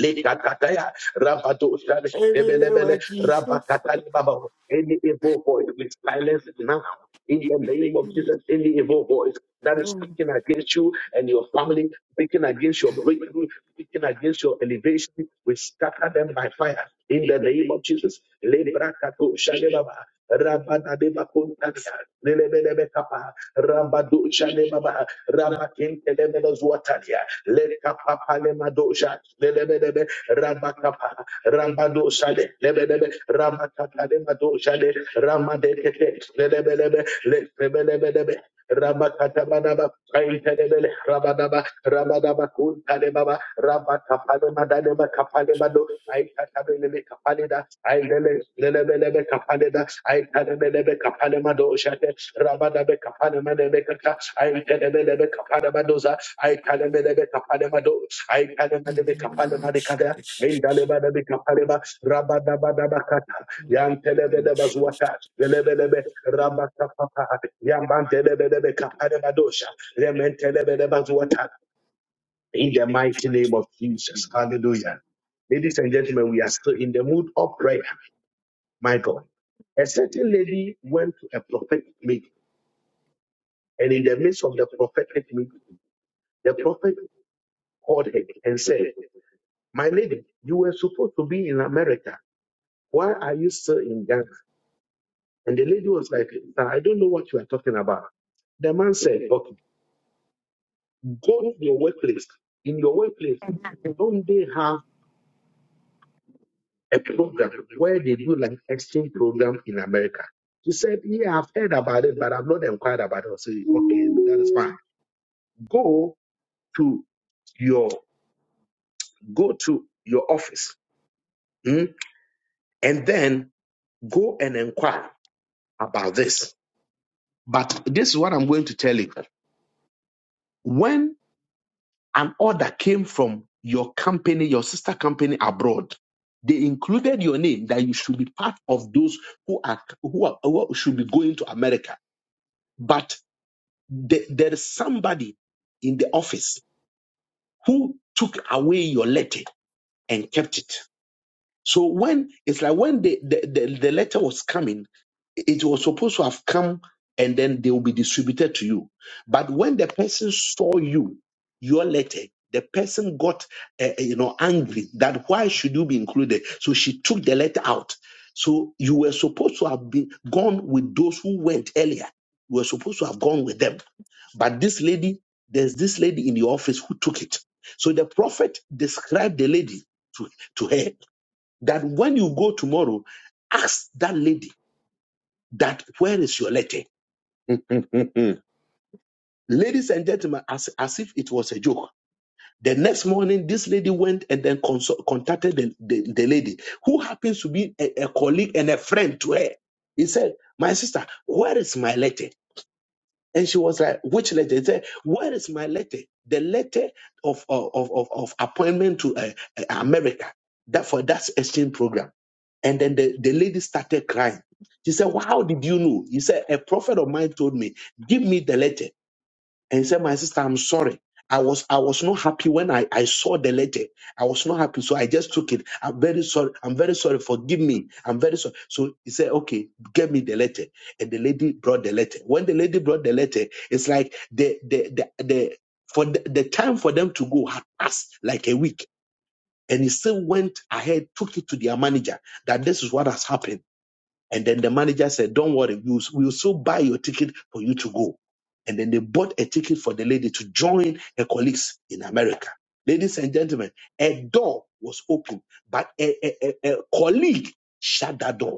[SPEAKER 1] Likataya, Rabadoshan,
[SPEAKER 2] In the name
[SPEAKER 1] Ebelebele,
[SPEAKER 2] of Jesus.
[SPEAKER 1] Rabakatani Baba. Any evil voice, we silence now. In the name of
[SPEAKER 2] Mm,
[SPEAKER 1] Jesus, any evil voice that is
[SPEAKER 2] mm.
[SPEAKER 1] speaking against you and your family, speaking against your breakthrough, speaking against your elevation, we scatter them by fire. In the name of Jesus, Lebrakato Shalebaba, Rabadadeba Kuntania, Lelebelebe Kapa, Rabado Shalebaba, Rabakin Telemelos Lekapapalemadosha, lelebedebe, rabakapa, rabadoshale, lebedebe, rabakapalemadosale, ramadekete, lelebelebe, lekebelebedebe, rabakatabadaba, kaintelebele, rabadaba, rabadaba, kuntalebaba, rabakapalemadadeba, kapalemado, aikatabelebe, kapaleda, ailele, lelebelebe, kapaleda, aikatabelebe, kapalemadoshate, rabadabe, kapalemadebe, kaka, aintelebelebe, kapalemadoza, I kalemelebe kapalemado. I
[SPEAKER 2] In
[SPEAKER 1] kalemelebe
[SPEAKER 2] the name of
[SPEAKER 1] kapalemadekada.
[SPEAKER 2] Jesus.
[SPEAKER 1] Indalebadabe kapaleba. Rabadabadabakata.
[SPEAKER 2] In the name of Jesus. Jesus. the
[SPEAKER 1] Yantelebelebe zuata. Lelebelebe rabakapapa. Yamantelebelebe kapalemado. In the mighty name of Jesus. Hallelujah. Ladies and gentlemen, we are still in the mood of prayer. My God. A certain lady went to a prophetic meeting, and in the midst of the prophetic meeting, the prophet called her and said, My lady, you were supposed to be in America. Why are you still in Ghana? And the lady was like, "Sir, I don't know what you are talking about. The man said, Okay, go to your workplace. In your workplace, don't they have a program where they do like exchange program in America? She said, Yeah, I've heard about it, but I've not inquired about it. I said, Okay, that is fine. Go to your go to your office hmm, and then go and inquire about this But this is what I'm going to tell you. When an order came from your company, your sister company abroad, they included your name that you should be part of those who are who are who should be going to America. But the- there is somebody in the office who took away your letter and kept it. So when it's like when the, the, the the letter was coming, it was supposed to have come and then they will be distributed to you. But when the person saw you, your letter, the person got uh, you know angry that why should you be included? So she took the letter out. So you were supposed to have been gone with those who went earlier. You were supposed to have gone with them. But this lady, there's this lady in the office who took it. So the prophet described the lady to, to her that when you go tomorrow, ask that lady that where is your letter? Ladies and gentlemen, as, as if it was a joke. The next morning, this lady went and then consult, contacted the, the, the lady who happens to be a, a colleague and a friend to her. He said, My sister, where is my letter? And she was like, Which letter? He said, Where is my letter? The letter of, of, of, of appointment to uh, uh, America. That for that exchange program. And then the, the lady started crying. She said, well, How did you know? He said, A prophet of mine told me, Give me the letter. And he said, My sister, I'm sorry. I was I was not happy when I, I saw the letter. I was not happy, so I just took it. I'm very sorry. I'm very sorry. Forgive me. I'm very sorry. So he said, "Okay, get me the letter." And the lady brought the letter. When the lady brought the letter, it's like the the the, the for the, the time for them to go had passed like a week, and he still went ahead, took it to their manager that this is what has happened and then the manager said, Don't worry, we'll, we'll still buy your ticket for you to go. And then they bought a ticket for the lady to join her colleagues in America. Ladies and gentlemen, a door was open, but a, a, a a colleague shut that door.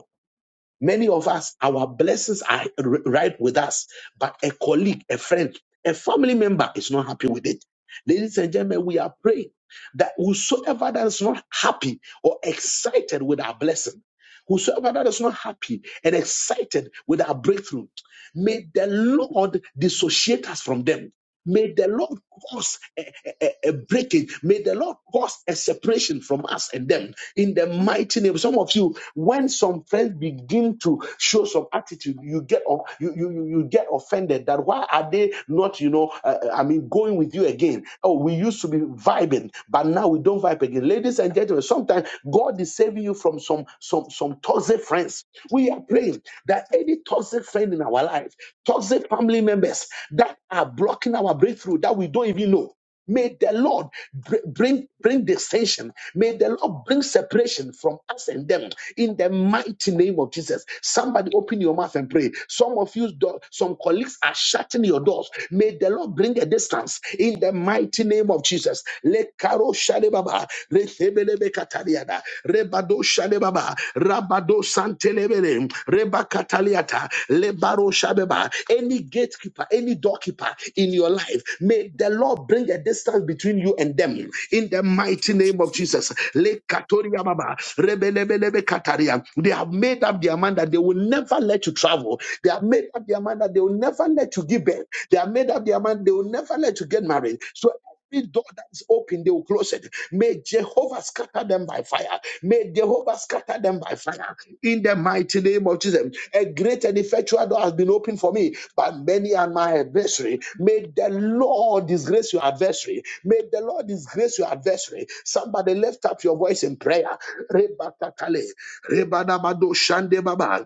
[SPEAKER 1] Many of us, our blessings are r- right with us, but a colleague, a friend, a family member is not happy with it. Ladies and gentlemen, we are praying that whosoever that is not happy or excited with our blessing, whosoever that is not happy and excited with our breakthrough, may the Lord dissociate us from them. May the Lord cause a, a, a a breaking. May the Lord cause a separation from us and them in the mighty name. Some of you, when some friends begin to show some attitude, you get you, you you you get offended. That why are they not, you know, uh, uh, I mean, going with you again? Oh, we used to be vibing, but now we don't vibe again. Ladies and gentlemen, sometimes God is saving you from some some some toxic friends. We are praying that any toxic friend in our life, toxic family members that are blocking our breakthrough that we don't even know. May the Lord br- bring bring dissension. May the Lord bring separation from us and them in the mighty name of Jesus. Somebody open your mouth and pray. Some of you, do- some colleagues are shutting your doors. May the Lord bring a distance in the mighty name of Jesus. Lekaro shadebaba, rethebelebe katariada, Rebado Shadebaba, Rabado Santelebele, Rebakataliata, Lebaro Shabeba. Any gatekeeper, any doorkeeper in your life, may the Lord bring a distance between you and them. In the mighty name of Jesus. Lekatoria Baba, Rebelebelebe Kataria. They have made up their mind that they will never let you travel. They have made up their mind that they will never let you give birth. They have made up their mind they will never let you get married. So every door that is open, they will close it. May Jehovah scatter them by fire. May Jehovah scatter them by fire in the mighty name of Jesus. A great and effectual door has been opened for me, but many are my adversary. May the Lord disgrace your adversary. May the Lord disgrace your adversary. Somebody lift up your voice in prayer. Rebakatale, rebanamado shandebaba.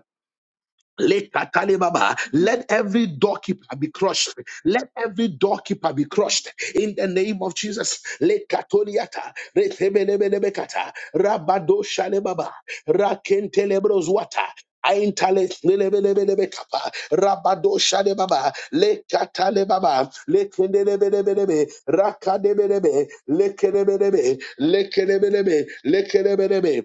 [SPEAKER 1] Lekatalebaba. Let every doorkeeper be crushed. Let every doorkeeper be crushed in the name of Jesus. Lekatoliata, retebelebelebekata, rabadoshalebaba, rakentelebrozuata, aintale- lelebelebelebekapa, rabadoshalebaba, lekatalebaba, lekendelebelebelebe, rakadebelebe, lekelebelebe, lekelebelebe, lekelebelebe,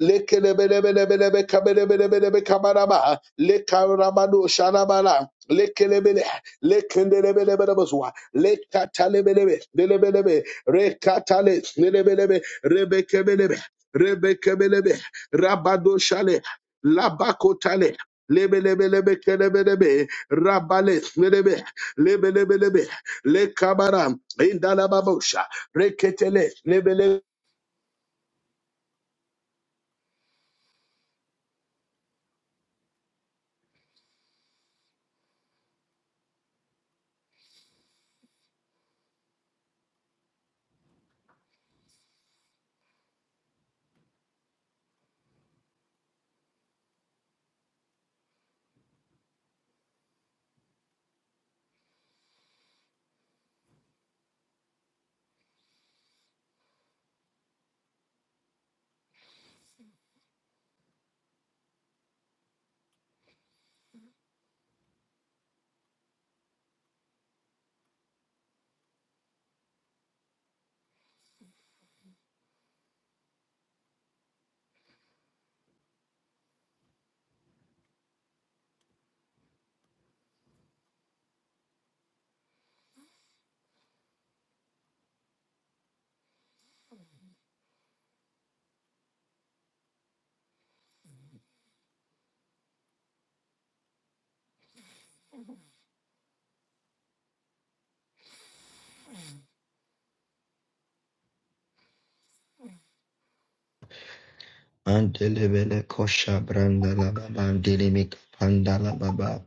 [SPEAKER 1] Lekelebelebelebelebe kabelebelebelebe kabaraba. Lekarabado sharabara. Lekelebele. Lekendelebelebelebezwa. Lekatalebelebe. Lelebelebe. Rekatale. Lelebelebe. Rebekebelebe. Rebekebelebe. Rabado shale. Labakotale. Lebelebelebe kelebelebe. Rabale. Lelebe. Lebelebelebe. Lekabaram. Indalababosha. Reketele. lebelebe
[SPEAKER 5] Antelebele kosha branda la baba dinimik panda la baba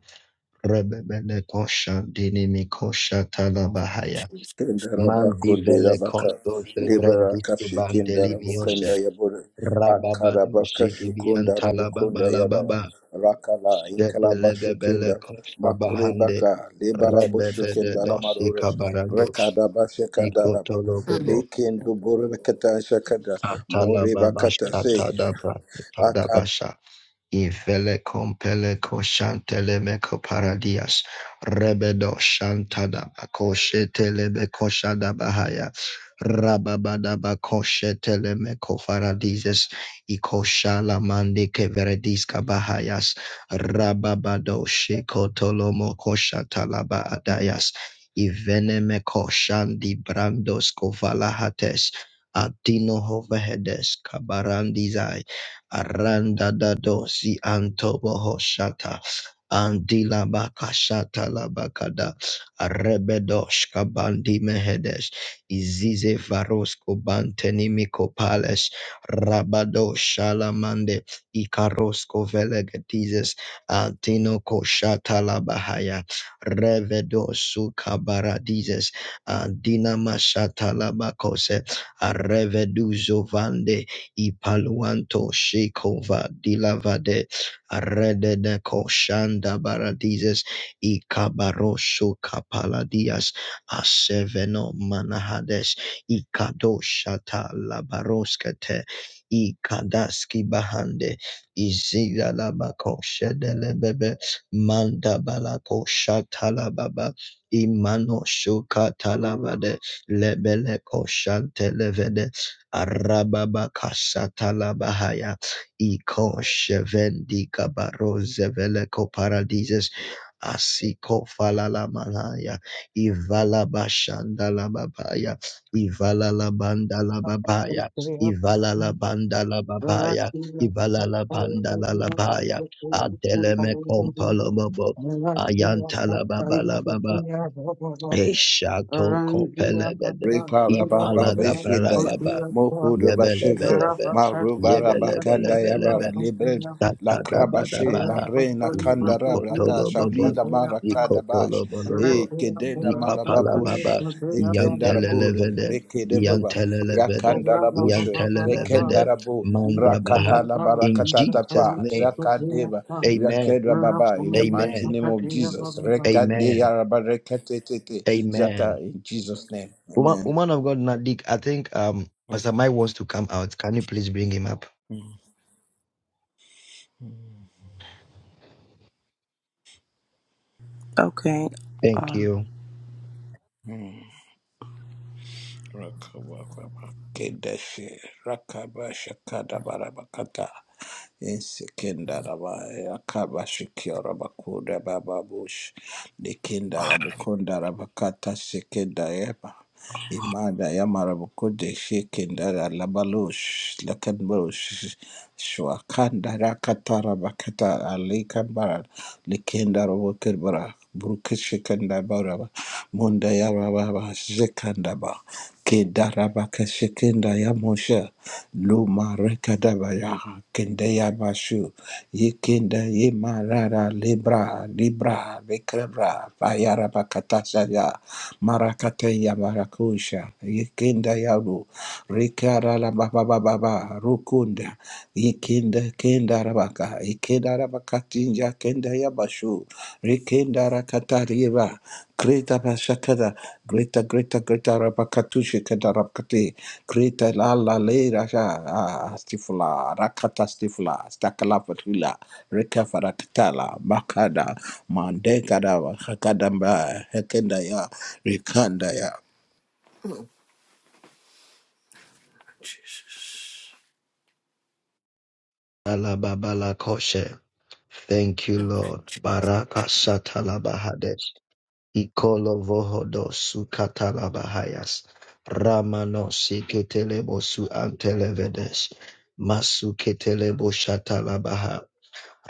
[SPEAKER 5] rebebele kosha dinimik kosha tala bahaya
[SPEAKER 3] Kendarabako
[SPEAKER 5] mandi vele
[SPEAKER 3] derabaka
[SPEAKER 5] kosto ze brandis
[SPEAKER 3] liberaka
[SPEAKER 5] ke bandeli
[SPEAKER 3] shekendarabokonda
[SPEAKER 5] mioshe
[SPEAKER 3] yabore
[SPEAKER 5] rababa
[SPEAKER 3] ankarabaka
[SPEAKER 5] doshi dibi antala baba
[SPEAKER 3] shokondarabokunda
[SPEAKER 5] la
[SPEAKER 3] yababa
[SPEAKER 5] baba
[SPEAKER 3] rakala
[SPEAKER 5] shedele
[SPEAKER 3] inkalaba
[SPEAKER 5] gebele
[SPEAKER 3] shokenda
[SPEAKER 5] kosha bahande
[SPEAKER 3] makurebaka lebalabo
[SPEAKER 5] rebebele doshi
[SPEAKER 3] shekendalamarores
[SPEAKER 5] kabarandosh
[SPEAKER 3] rekadaba shekandaraba
[SPEAKER 5] ikotolo
[SPEAKER 2] name of
[SPEAKER 5] bobo
[SPEAKER 2] Jesus.
[SPEAKER 3] lekendo boreketa shakada
[SPEAKER 5] katala baba
[SPEAKER 3] morebakata
[SPEAKER 5] shata
[SPEAKER 3] se
[SPEAKER 5] dabra tada basha Ivele compele coshantele meco paradias, rebedo shantada bacoshetele becoshada bahaya, rababada bacoshetele meco faradises, icoshala mande veredisca bahayas, rababado shekotolomo koshatalaba adayas, ivene meco shandi brandos covalahates, adino hovehedes kabarandizai. Aranda da dosi antobo hoshata. Andila bakashata la bakada. Rebedosh kabandi mehedesh. Izize varosko banteni miko pales. Rabado shalamande. Ikarosko velegatises. Antino koshata la bahaya. Revedosu kabaradises. Andina mashata la bakose. Areveduzo vande. Ipaluanto Shekova Dilavade Redede Koshanda Baradizes Ikabarosho Kapaladias Aseveno Manahades Ikadoshata Labaroskete Ikadaski Bahande Izila Labako Shedelebebe Manda Balako Shatalababa Imano Shukatalabade Lebele Koshante levede. Arababa Arababakashatalabahaya Iko Shevendika Barozeveleko Paradises Asiko falala malaya ivala bashanda la babaya ivala la banda la
[SPEAKER 6] Thank
[SPEAKER 5] babaya
[SPEAKER 6] you.
[SPEAKER 5] ivala bashanda Falalamanaya Ivalabashandalababaya Ivalalabandalababaya Ivalalabandalababaya Ivalalabandalalabaya Adeleme Kompalobobo baba la baba Eshato Kopelebede
[SPEAKER 3] Reparabababeshindaya.
[SPEAKER 5] Ipalagabralababa
[SPEAKER 3] Mokudobasheka.
[SPEAKER 5] Yebelebelebe,
[SPEAKER 3] Marubarabakandaya
[SPEAKER 5] yebelebelebelebe,
[SPEAKER 3] bara libre. La krabashe, la
[SPEAKER 5] tatadabadabaha,
[SPEAKER 3] reina kandara brakasha,
[SPEAKER 5] zikotolobobo,
[SPEAKER 3] lila marakada bash,
[SPEAKER 5] zikotolobolobo,
[SPEAKER 3] e kedela
[SPEAKER 5] zikapalababa,
[SPEAKER 3] marababush, e kendarabur,
[SPEAKER 5] iyantelelevede,
[SPEAKER 3] rekedebaba, ya
[SPEAKER 5] iyantelelevede,
[SPEAKER 3] kandalabush, le
[SPEAKER 5] iyantelelevede,
[SPEAKER 3] kendarabu,
[SPEAKER 6] Thank
[SPEAKER 5] mandabaha.
[SPEAKER 3] rakatala
[SPEAKER 5] In
[SPEAKER 3] barakatata
[SPEAKER 5] Jesus'
[SPEAKER 3] pa,
[SPEAKER 5] name,
[SPEAKER 3] zakadeba,
[SPEAKER 5] amen,
[SPEAKER 3] baba. in the mighty
[SPEAKER 5] amen,
[SPEAKER 3] name of Jesus, rekade
[SPEAKER 5] amen,
[SPEAKER 3] yaraba rekatete, Zaka
[SPEAKER 5] amen.
[SPEAKER 3] in Jesus' name.
[SPEAKER 5] Woman,
[SPEAKER 3] Amen.
[SPEAKER 5] woman of God, Nadik, I think um, Pastor Mike wants to come out. Can you please bring him up?
[SPEAKER 7] Okay.
[SPEAKER 5] Thank
[SPEAKER 7] Um,
[SPEAKER 5] you.
[SPEAKER 3] Mhm. Rakabakaba. Kedeshe. Rakaba shakada barabakata. Insikindarabaya Kabashikira Bakuda Bababush Nikindara Mukundara Bakata Sikindayeba Imanda Yamara Bukude Shikindara Labalush Lakanbush Shwakandara Katara Bakata Ali likenda Nikindara Wukibara Brukishikanda Baraba Munda Yarababa Zikandaba Kidarabaka Shikinda Yamusha Luma Rekadabaya kende ya bashu yekenda ye marara libra libra bekrebra bayara bakatasha ya marakate ya marakusha yekenda yabu rikara la baba baba ba rukunda yekenda kenda rabaka yekenda rabakatinja kenda ya bashu rikenda rakatariva Greta Bashakada, Greta, Greta, Greta Rabakatusha Kadarabkati, Kreta la la le rasha ah, stifla rakata stifla stakala patula reka farakatala makada mandekada hakadamba hekenda ya rekanda ya.
[SPEAKER 2] Mm, Oh, Jesus.
[SPEAKER 5] Alababalakoshe. Thank you,
[SPEAKER 2] Thank
[SPEAKER 5] Lord.
[SPEAKER 2] you, Jesus.
[SPEAKER 5] Baraka Satalabahades. Ikolo Vohodo Sukatalabahayas. Ramano Siketelebo Su Antelevedes. Masu Ketelebo Shatalabaha.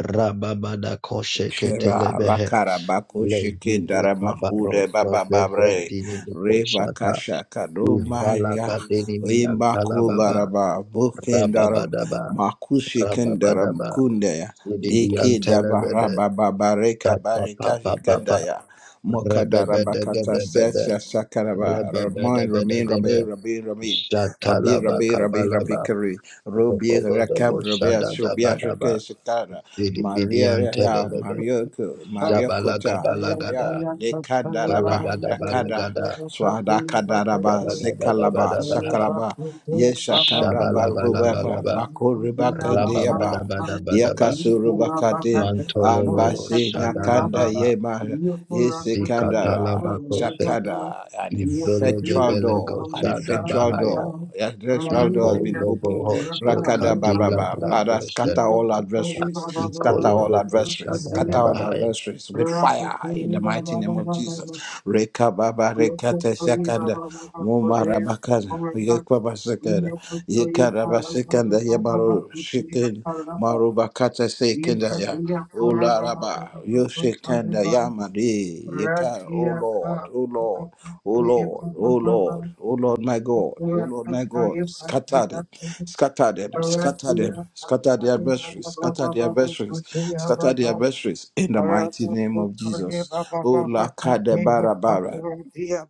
[SPEAKER 5] Rababada Koshe
[SPEAKER 3] Shera
[SPEAKER 5] Ketelebehe.
[SPEAKER 3] rakara baku shiki
[SPEAKER 5] Legivi
[SPEAKER 3] dara makude
[SPEAKER 5] Kabaroso
[SPEAKER 3] baba babre
[SPEAKER 5] Zevendini
[SPEAKER 3] re
[SPEAKER 5] Mikoshata.
[SPEAKER 3] bakasha kado maya
[SPEAKER 5] Ivalaka Denimi
[SPEAKER 3] imba ku
[SPEAKER 5] Antalababa.
[SPEAKER 3] baraba buken dara
[SPEAKER 5] Rababadaba.
[SPEAKER 3] maku shiken dara
[SPEAKER 5] Rababadaba.
[SPEAKER 3] kunde ya
[SPEAKER 5] Sidibian
[SPEAKER 3] leke dabara
[SPEAKER 5] Televede,
[SPEAKER 3] baba bareka
[SPEAKER 5] Tapa
[SPEAKER 3] bareka
[SPEAKER 5] Papa
[SPEAKER 3] shikanda
[SPEAKER 5] Papa,
[SPEAKER 3] ya mokadara
[SPEAKER 5] Rebebede
[SPEAKER 3] bakata
[SPEAKER 5] Gede Bede,
[SPEAKER 3] sesa sakaraba
[SPEAKER 5] Rebebede
[SPEAKER 3] ramain
[SPEAKER 5] Bede
[SPEAKER 3] ramain
[SPEAKER 5] Gede,
[SPEAKER 3] ramain ramain ramain Rabbi,
[SPEAKER 5] Shatalaba
[SPEAKER 3] Rabbi, Rabbi, Rabbi
[SPEAKER 5] Kabalaba,
[SPEAKER 3] Kari, Rubi,
[SPEAKER 5] Robobodobo
[SPEAKER 3] Rakab, Rabbi, Shubia,
[SPEAKER 5] Shadadabadaba,
[SPEAKER 3] Shake, Shikara,
[SPEAKER 5] Sidibian
[SPEAKER 3] Maria, Ya,
[SPEAKER 5] Televede,
[SPEAKER 3] Mario, Maria Kucha,
[SPEAKER 5] Zabalagadalagada,
[SPEAKER 3] Yabia, Lekandaraba,
[SPEAKER 5] Balagada
[SPEAKER 3] Rakada,
[SPEAKER 5] Balagada,
[SPEAKER 3] Swadakadaraba,
[SPEAKER 6] you.
[SPEAKER 3] Sekalaba,
[SPEAKER 6] Thank
[SPEAKER 5] Shabadabadabadaba,
[SPEAKER 3] Sakalaba, Yeshakandraba, Rubaka,
[SPEAKER 5] Shabalabalabalaba,
[SPEAKER 3] Bako, Rubaka, and Yaba,
[SPEAKER 5] Rababadabadabadaba,
[SPEAKER 3] Yakasurubakati,
[SPEAKER 5] Mantolo
[SPEAKER 3] Ambasi, Nakanda,
[SPEAKER 5] Shadalababa,
[SPEAKER 3] Yema. Yesekandara,
[SPEAKER 5] Zikatalabakose,
[SPEAKER 3] Shakada, an effectual door, an
[SPEAKER 5] Ivelegebelegosada
[SPEAKER 3] effectual
[SPEAKER 5] Bahaya,
[SPEAKER 3] door. The effectual door has
[SPEAKER 5] Ipo
[SPEAKER 3] been opened.
[SPEAKER 5] Lobohosto
[SPEAKER 3] Rakada
[SPEAKER 5] Kadila
[SPEAKER 3] Baraba, Bada,
[SPEAKER 5] Bragoshe,
[SPEAKER 3] scatter all adversaries,
[SPEAKER 5] Iko
[SPEAKER 3] scatter all
[SPEAKER 5] Loboko
[SPEAKER 3] adversaries, scatter all
[SPEAKER 5] Shada
[SPEAKER 3] adversaries with fire in the mighty name of Jesus. Reka Baba,
[SPEAKER 6] Ratia
[SPEAKER 3] Rekata Shakanda, Mumarabakada, Yekwaba Sekada, Yekaraba Sekanda, Yamaru Shikin, Marubakata Sekanda, O Laraba, Yoshikanda Yamade, Yeta, O Lord, O Lord, O Lord, O Lord, O Lord my God, O Lord my God, scatter them, scatter them, scatter them, scatter their adversaries, scatter their adversaries, scatter their adversaries in the mighty name of Jesus. O Lakada Barabara,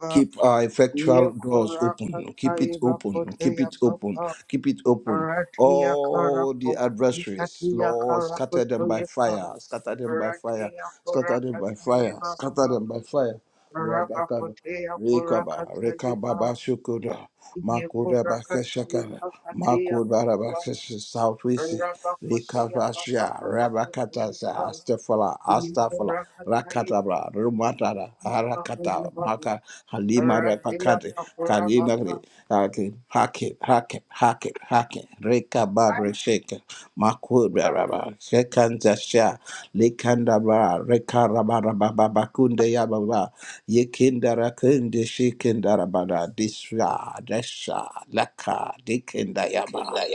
[SPEAKER 3] keep our
[SPEAKER 6] Rakia
[SPEAKER 3] effectual doors open, keep it open, keep it open, keep it open. All the adversaries, Lord, scatter them by fire, scatter them by fire, scatter them by fire, scatter them by fire. Rabakaba, Rekaba, Rekababa Shukuda, Makuda Bakashakara,
[SPEAKER 6] Kakura
[SPEAKER 3] Makuda Bakasha, South West, Likabasha, Rabakatasa, Astafala, Astafala, Rakatabra, Rumatara, Harakata, Maka, Halima Rapakate, Kalimari,
[SPEAKER 6] Baba.
[SPEAKER 3] Hake, Hake, Hake, Hake, Hake, Reka Babre Sheke, Makura Raba, Shekanta Sha, Likanda Reka Rababa Bakunde Yababa, Ye kindara kunde she kindara bada disra desha laka dikinda yaba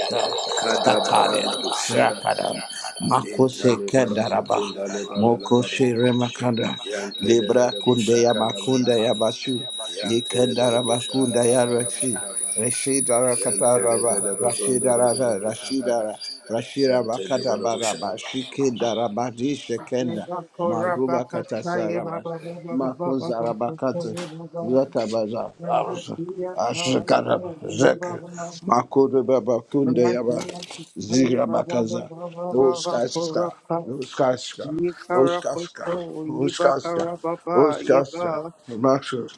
[SPEAKER 3] scatter them
[SPEAKER 8] Kadabarabatu shada,
[SPEAKER 3] srakada makose
[SPEAKER 8] intale
[SPEAKER 3] kendara ba
[SPEAKER 8] Yantele
[SPEAKER 3] mokoshe remakanda
[SPEAKER 8] Yantele Yantele
[SPEAKER 3] libra
[SPEAKER 8] bele
[SPEAKER 3] kunde ya
[SPEAKER 8] boshaka labala
[SPEAKER 3] makunda ya basu ye
[SPEAKER 8] Yantele bele
[SPEAKER 3] kendara
[SPEAKER 8] boshanda
[SPEAKER 3] makunda ya
[SPEAKER 8] labala
[SPEAKER 3] rashi
[SPEAKER 8] bakaba
[SPEAKER 3] rashidara katara
[SPEAKER 8] yantele
[SPEAKER 3] ba
[SPEAKER 8] bele bozondo
[SPEAKER 3] rashidara
[SPEAKER 8] bele
[SPEAKER 3] ra
[SPEAKER 8] bekabada
[SPEAKER 3] rashidara rashira
[SPEAKER 8] yantele
[SPEAKER 3] bakada bara
[SPEAKER 8] boshaka
[SPEAKER 3] ba shikindara badi shekenda
[SPEAKER 6] Yekatea
[SPEAKER 3] maruba
[SPEAKER 6] Baba Baba
[SPEAKER 3] katasara Mako Zarabakate, Zakabaza, Ashkara, Zek, Mako de Babakunde Yaba, Zirabakaza, Loskaska, Loskaska, Loskaska, Loskaska, Loskaska, Maxo,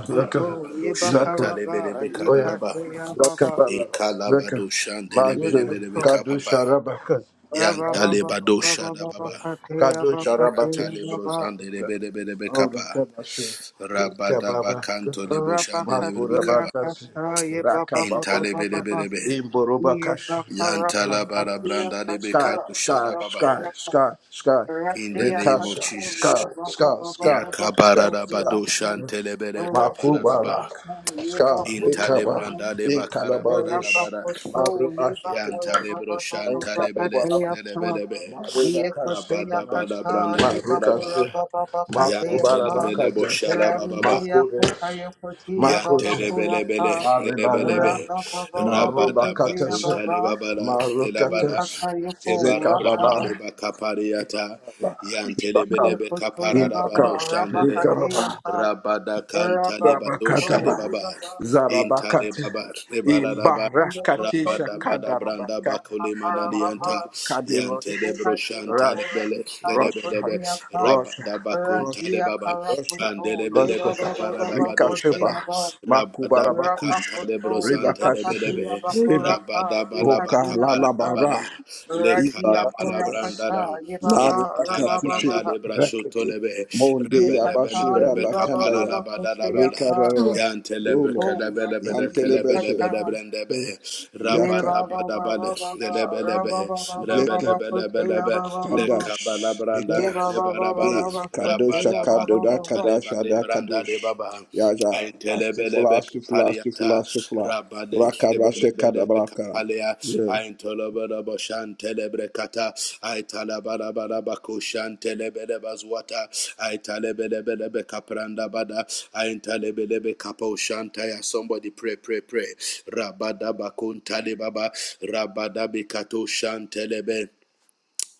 [SPEAKER 3] Zaka, Zaka,
[SPEAKER 8] shantale bele
[SPEAKER 3] Oya,
[SPEAKER 8] bekaraba
[SPEAKER 3] Zaka Baba, Zaka,
[SPEAKER 8] ikalabadu shantele bele
[SPEAKER 3] Maze,
[SPEAKER 8] bele bekaba
[SPEAKER 3] Kadu
[SPEAKER 8] yantale bado
[SPEAKER 6] Baba
[SPEAKER 8] shada baba
[SPEAKER 3] Kado Charabatu.
[SPEAKER 8] ikatale brozande bele Kadabarabakushada, Intalebarabakundalebalabalaba, Yantelebelebushakalabalabalaba, Yantelebelebushandalabalabakaba, Yantelebelebuzondolebelebekabada, Yantelebelebusha- Kabarabadushantalebelebekadaraba, bele Yantalebadoshadababa,
[SPEAKER 3] Oh, the
[SPEAKER 8] Ikatalebrozandelebelebekapa.
[SPEAKER 3] Kabashi.
[SPEAKER 8] Rabada
[SPEAKER 3] Kababa.
[SPEAKER 8] Rabadabakanto de Boshande de Bekaba.
[SPEAKER 6] Rabakatia
[SPEAKER 3] Makurabakasi.
[SPEAKER 6] kata ye ba ba ba ba
[SPEAKER 3] Rakababo.
[SPEAKER 6] ba ba ba
[SPEAKER 8] Intalebelebelebe.
[SPEAKER 6] ye ba
[SPEAKER 3] Imborobakashi. Ola
[SPEAKER 8] Yantalabara
[SPEAKER 3] Kabashi.
[SPEAKER 8] Branda de
[SPEAKER 6] kata
[SPEAKER 3] Sky,
[SPEAKER 8] Bekato
[SPEAKER 6] ye
[SPEAKER 3] sky,
[SPEAKER 6] ba
[SPEAKER 8] Shadababa.
[SPEAKER 3] sky,
[SPEAKER 6] korapa
[SPEAKER 3] sky, sky.
[SPEAKER 8] In the
[SPEAKER 6] ratia
[SPEAKER 8] name of
[SPEAKER 3] Rekasha.
[SPEAKER 6] kata ye
[SPEAKER 8] Jesus.
[SPEAKER 3] Sky,
[SPEAKER 6] ba ba
[SPEAKER 3] sky,
[SPEAKER 6] ba ba ba
[SPEAKER 3] sky,
[SPEAKER 6] ba
[SPEAKER 3] sky,
[SPEAKER 6] ba
[SPEAKER 3] sky.
[SPEAKER 8] Yakabarabado Shantelebele
[SPEAKER 6] ratia
[SPEAKER 8] Kaparaba.
[SPEAKER 3] Makubala.
[SPEAKER 6] kata ye
[SPEAKER 3] Sky,
[SPEAKER 6] ba
[SPEAKER 3] Rekaba.
[SPEAKER 8] Intalebranda de
[SPEAKER 3] In Kalababush.
[SPEAKER 8] Bakarabarabara.
[SPEAKER 6] rabakoto ye ba
[SPEAKER 3] Marubashi.
[SPEAKER 6] karapa
[SPEAKER 8] Yantalebro
[SPEAKER 6] ba
[SPEAKER 8] Shantalebele.
[SPEAKER 3] Inkalabala.
[SPEAKER 8] Nelebelebe.
[SPEAKER 3] Makurabakash,
[SPEAKER 6] Yekoteya
[SPEAKER 8] Rabadabada
[SPEAKER 6] kata
[SPEAKER 8] Branda Rabaraba.
[SPEAKER 6] yibakura
[SPEAKER 3] Makurabakash,
[SPEAKER 6] baba bakateya pa
[SPEAKER 8] Yantelebele
[SPEAKER 3] Makubarabakatas,
[SPEAKER 8] Boshalababa.
[SPEAKER 6] ranteya
[SPEAKER 3] Makures,
[SPEAKER 6] kataya koteya baba
[SPEAKER 3] Makush,
[SPEAKER 6] kura
[SPEAKER 8] Yantelebelebele,
[SPEAKER 6] pa
[SPEAKER 3] Maribariba,
[SPEAKER 8] lebelebe,
[SPEAKER 6] raba baba baba
[SPEAKER 8] rabada
[SPEAKER 6] koteya
[SPEAKER 3] Marubakatas,
[SPEAKER 8] bakunta
[SPEAKER 6] baba
[SPEAKER 8] lebabala, lebala,
[SPEAKER 3] Marukatas,
[SPEAKER 6] yekataya
[SPEAKER 8] ebara
[SPEAKER 6] kura pa
[SPEAKER 8] branda
[SPEAKER 3] Zekababa,
[SPEAKER 8] leba kapariata,
[SPEAKER 3] Imbakab,
[SPEAKER 8] yantelebelebe kapara
[SPEAKER 6] yekotoye baba
[SPEAKER 8] rabado
[SPEAKER 3] Imbakab,
[SPEAKER 6] raba
[SPEAKER 8] shandele,
[SPEAKER 6] kateya
[SPEAKER 3] Ikaraba,
[SPEAKER 6] pa
[SPEAKER 8] rabada kanta
[SPEAKER 6] raba
[SPEAKER 8] lebado
[SPEAKER 6] koto
[SPEAKER 3] Rabakataba,
[SPEAKER 8] shalebaba,
[SPEAKER 6] yibaba
[SPEAKER 8] inta
[SPEAKER 3] Zarabakate,
[SPEAKER 8] lebaba, lebara
[SPEAKER 6] yekoto
[SPEAKER 3] Imbarakatisha
[SPEAKER 8] Rabada
[SPEAKER 6] yibaba
[SPEAKER 8] bada branda
[SPEAKER 6] kateya
[SPEAKER 3] Kandarabakata,
[SPEAKER 8] bakole
[SPEAKER 6] pa
[SPEAKER 8] manadianta
[SPEAKER 3] Maruba Kadirosh,
[SPEAKER 8] yante de
[SPEAKER 6] Lukatia
[SPEAKER 8] broshanta
[SPEAKER 3] Rush,
[SPEAKER 8] lebele
[SPEAKER 6] korakuta
[SPEAKER 8] lebelebe
[SPEAKER 3] Russia,
[SPEAKER 6] lukatia ka
[SPEAKER 3] Russia,
[SPEAKER 8] rabada bakunta
[SPEAKER 3] Russia,
[SPEAKER 8] de
[SPEAKER 6] ratia
[SPEAKER 8] baba
[SPEAKER 3] Russia,
[SPEAKER 6] karakuto
[SPEAKER 8] andelebelebe
[SPEAKER 6] yeba
[SPEAKER 3] Roskosha,
[SPEAKER 6] baba
[SPEAKER 8] kapara da
[SPEAKER 6] baba
[SPEAKER 8] bado
[SPEAKER 3] Rikasheba,
[SPEAKER 8] shada
[SPEAKER 6] kotea ba
[SPEAKER 8] rabada
[SPEAKER 6] rapa
[SPEAKER 8] bakanta
[SPEAKER 3] Makubarabakush,
[SPEAKER 8] de
[SPEAKER 6] koto
[SPEAKER 8] brosante
[SPEAKER 6] yeba
[SPEAKER 3] Ribakashi,
[SPEAKER 6] katia
[SPEAKER 8] lebelebe
[SPEAKER 3] Riba,
[SPEAKER 6] bakorapa
[SPEAKER 8] rabada bala
[SPEAKER 3] Oka
[SPEAKER 6] yekatia
[SPEAKER 8] bakapala da
[SPEAKER 6] kaka
[SPEAKER 8] bala
[SPEAKER 3] Lalabara,
[SPEAKER 8] le
[SPEAKER 6] ratia
[SPEAKER 8] kala bala
[SPEAKER 3] Ibarakatas,
[SPEAKER 8] branda
[SPEAKER 6] korakata
[SPEAKER 8] la
[SPEAKER 6] yeba
[SPEAKER 3] Na
[SPEAKER 8] le
[SPEAKER 6] ba
[SPEAKER 3] Rebecca
[SPEAKER 8] katala
[SPEAKER 6] raba
[SPEAKER 8] branda
[SPEAKER 3] Tushi
[SPEAKER 8] le
[SPEAKER 6] baba
[SPEAKER 8] brashoto
[SPEAKER 3] Rakete
[SPEAKER 8] lebe
[SPEAKER 3] Monde
[SPEAKER 8] rebelebele
[SPEAKER 6] yekata
[SPEAKER 3] Abashira
[SPEAKER 8] brebe
[SPEAKER 6] yeba
[SPEAKER 8] kapala
[SPEAKER 6] baba
[SPEAKER 3] Bakandaya
[SPEAKER 8] la
[SPEAKER 6] baba
[SPEAKER 8] bada la
[SPEAKER 6] kotea
[SPEAKER 8] bada
[SPEAKER 6] ka
[SPEAKER 8] Rabba
[SPEAKER 2] Oh
[SPEAKER 3] Rekarara Rolo
[SPEAKER 6] yiko rati
[SPEAKER 3] Yantelebeshe
[SPEAKER 6] yekata
[SPEAKER 3] Yaka
[SPEAKER 6] yeba baba baba baba raba baba
[SPEAKER 3] Zeke
[SPEAKER 6] baba kotea baba
[SPEAKER 3] Kadash
[SPEAKER 6] Ye ba
[SPEAKER 3] Dekas
[SPEAKER 6] ba ba ba
[SPEAKER 3] E
[SPEAKER 6] ba ba ko te
[SPEAKER 3] Kadosha
[SPEAKER 6] ya ba ba
[SPEAKER 3] Kadoda
[SPEAKER 6] ba ba.
[SPEAKER 3] Kadasha Da Kadosh Yaja Astifula Astifula Astifula Astifula Rakabashe Kadabraka
[SPEAKER 8] Palea, I Tolobada Boshan Telebrecata, I Talabada Badabacoshan Telebedebazwata, I Talebedebe Capranda Bada, I Talebedebe Capo Shantaya. Somebody pray, pray, pray. Rabada Bakun Talibaba, Rabada Bikato Shantelebe.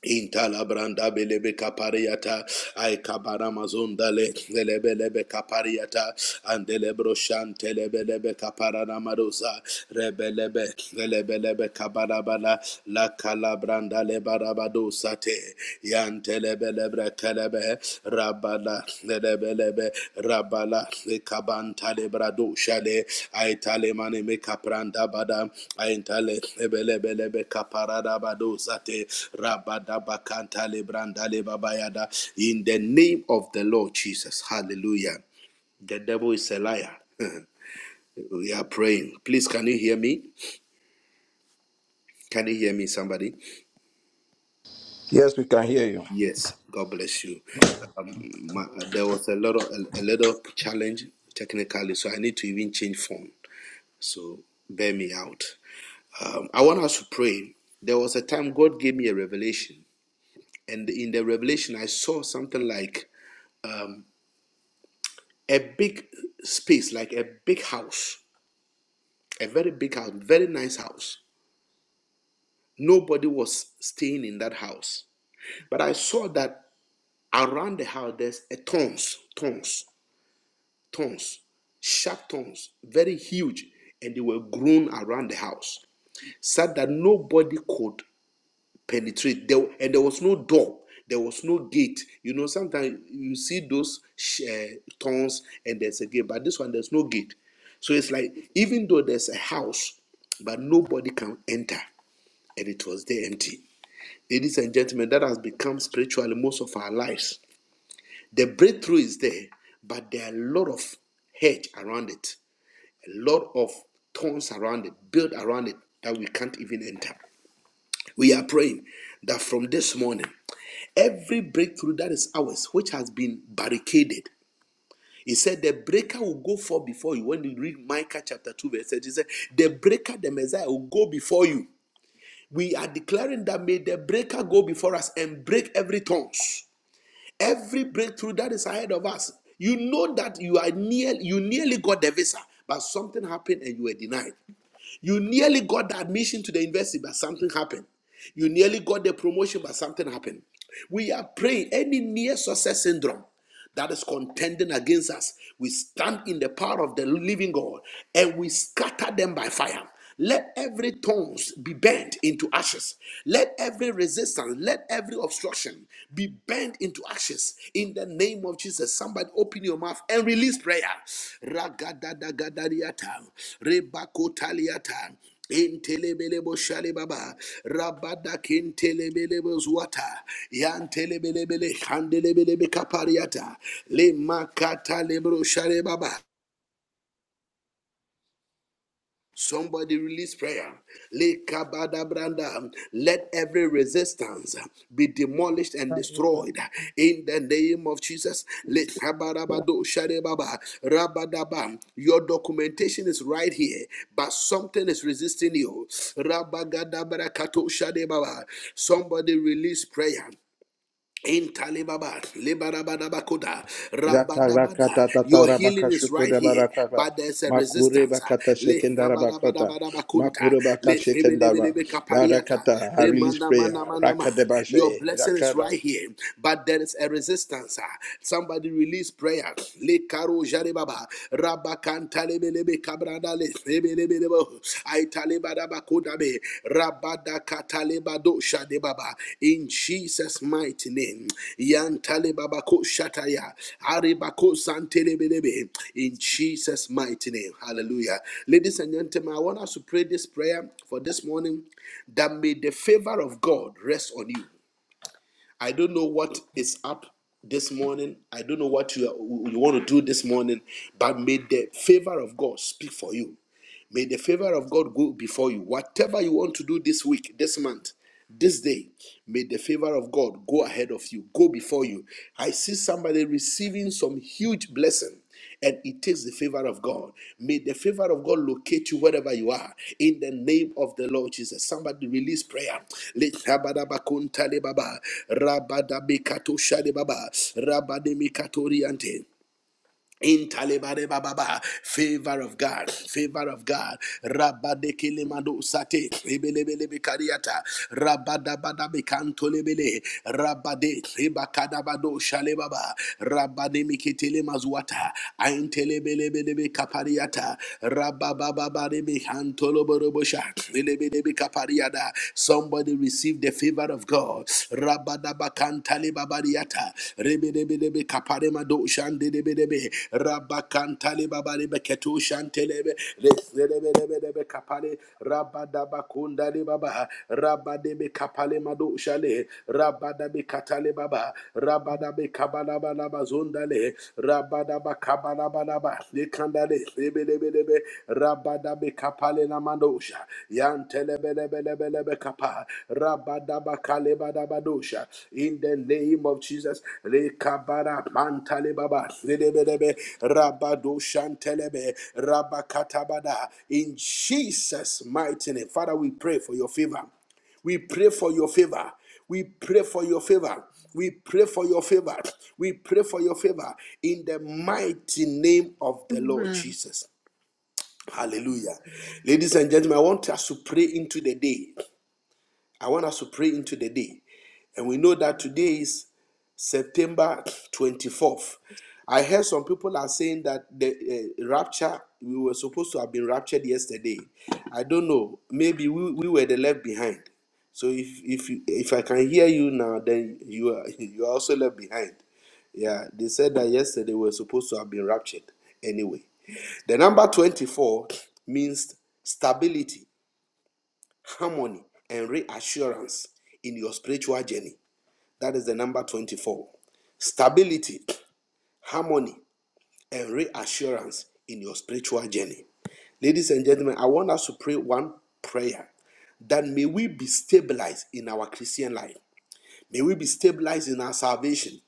[SPEAKER 8] Intala branda belebe kapariata, ay kabara mazonda le lebe lebe kapariata, andelebro shante lebe kapara namarosa, rebelebe lebe kabara kabarabala, la kala branda le barabado sate, yante lebe lebre Rabala lebelebe Rabala Kabanta lebrado shade Aitale mane me kapranda bada Aitale lebelebelebe kaparada bado zate Rabada bakanta lebranda lebabayada in the name of the Lord Jesus hallelujah the devil is a liar we are praying please can you hear me can you hear me somebody
[SPEAKER 3] Yes, we can hear you.
[SPEAKER 8] Yes, God bless you. Um, my, uh, there was a lot of a, a little challenge technically, so I need to even change phone. So bear me out. Um, I want us to pray. There was a time God gave me a revelation, and in the revelation I saw something like a big space, like a big house, a very big house, very nice house. Nobody was staying in that house, but I saw that around the house there's a thorns, thorns. thorns, sharp thorns, very huge, and they were grown around the house, such that nobody could penetrate. There, and there was no door, there was no gate. You know, sometimes you see those sh- eh, thorns and there's a gate, but this one there's no gate. So it's like even though there's a house, but nobody can enter, and it was there empty. Ladies and gentlemen, that has become spiritually most of our lives. The breakthrough is there, but there are a lot of hedge around it lot of thorns around it, built around it that we can't even enter. We are praying that from this morning, every breakthrough that is ours, which has been barricaded, he said the breaker will go forth before you. When you read Micah chapter 2, verse 8, he said, The breaker, the Messiah, will go before you. We are declaring that may the breaker go before us and break every thorns, every breakthrough that is ahead of us. You know that you are near, you nearly got the visa, but something happened and you were denied. You nearly got the admission to the university, but something happened. You nearly got the promotion, but something happened. We are praying any near success syndrome that is contending against us, we stand in the power of the living God and we scatter them by fire. Let every thorns be bent into ashes. Let every resistance, let every obstruction be bent into ashes. In the name of Jesus, somebody open your mouth and release prayer. Ragadadagadariata, rebakotaliata, Intelebelebo shalebaba, rabada kintelebelebo zwata, yantelebelebele handelebelebe kapariata, lemakata lebro shalebaba. Somebody release prayer. Let every resistance be demolished and
[SPEAKER 6] Ba ye ba.
[SPEAKER 8] destroyed in the name of Jesus. Lekabarabado sharebaba. Rabadaba. Your documentation is right here, but something is resisting you. Rabagadabra kato sharebaba. Somebody release prayer. Intalibaba, lebarabadabakoda, rabadabada.
[SPEAKER 3] Yakarakata
[SPEAKER 8] Your
[SPEAKER 3] tatara
[SPEAKER 8] healing is
[SPEAKER 3] bakashuko
[SPEAKER 8] right
[SPEAKER 3] de
[SPEAKER 8] here,
[SPEAKER 3] barakata
[SPEAKER 8] but there's a
[SPEAKER 3] Makure
[SPEAKER 8] resistance.
[SPEAKER 3] bakata sekendara bakota.
[SPEAKER 8] Lehabarabadabadabakunta,
[SPEAKER 3] Makure bakata sekendara.
[SPEAKER 8] lehebelebelebekapariata,
[SPEAKER 3] Barakata. I release prayer.
[SPEAKER 8] remanamanamana. Your
[SPEAKER 3] Rakadebashe.
[SPEAKER 8] blessing is
[SPEAKER 3] Zakara.
[SPEAKER 8] right here, but there is a resistance. Somebody release prayer. Le karo jaribaba, rabakanta lebelebe Kabrandale, sebelebelebo, aitalebadabakodabe, rabadakatalebado shadebaba. In Jesus' mighty name. Yantalebabako shataya, arebako santelebelebe. In Jesus' mighty name. Hallelujah. Ladies and gentlemen, I want us to pray this prayer for this morning that may the favor of God rest on you. I don't know what is up this morning. I don't know what you, you want to do this morning, but may the favor of God speak for you. May the favor of God go before you. Whatever you want to do this week, this month, this day, may the favor of God go ahead of you, go before you. I see somebody receiving some huge blessing. And it takes the favor of God. May the favor of God locate you wherever you are. In the name of the Lord Jesus. Somebody release prayer. Let- Rabadabakuntalebaba, Rabademikatoriante. In Talibare baba, Favor of God, favor of God. Rabadekilemado sate, rebelebelebe kariata, rabadabadabe kantolebele, rabade, rebakadabado shalebaba, rabademikitele mazuata, aintelebelebelebe kapariata, rababababarebe kantoloborobosha, lelebelebe kapariada. Somebody receive the favor of God. Rabadabakantale babariata. Rebedebedebe kaparemado shandedebedebe. Rabakantale babarebe shantelebe. Rebedebedebe kapare. Rabadabakundale baba. Rabadebe kapale mado shale. Rabadabe katale baba. Rabadabe kabalabalabazondale. Rabadabe Rabadaba Kabarabaraba Likandale Lebelebelebe Rabadabe Kapale Namandosha Yantelebelebelebelebe Kapa Rabadaba Kalebadabadosha in the name of Jesus Lekabara Mantalebaba Lebelebe Rabadoshantelebe Rabakatabada in Jesus mighty name Father we pray for your favor we pray for your favor. We pray for your favor. We pray for your favor. We pray for your favor in the mighty name of the Lord
[SPEAKER 2] Amen.
[SPEAKER 8] Jesus. Hallelujah. Ladies and gentlemen, I want us to pray into the day. I want us to pray into the day. And we know that today is September 24th. I heard some people are saying that the uh, rapture, we were supposed to have been raptured yesterday. I don't know. Maybe we, we were the left behind. So if if you, if I can hear you now, then you are you are also left behind. Yeah, they said that yesterday we were supposed to have been raptured anyway. The number 24 means stability, harmony, and reassurance in your spiritual journey. That is the number 24. Stability, harmony, and reassurance in your spiritual journey. Ladies and gentlemen, I want us to pray one prayer that may we be stabilized in our Christian life. May we be stabilized in our salvation.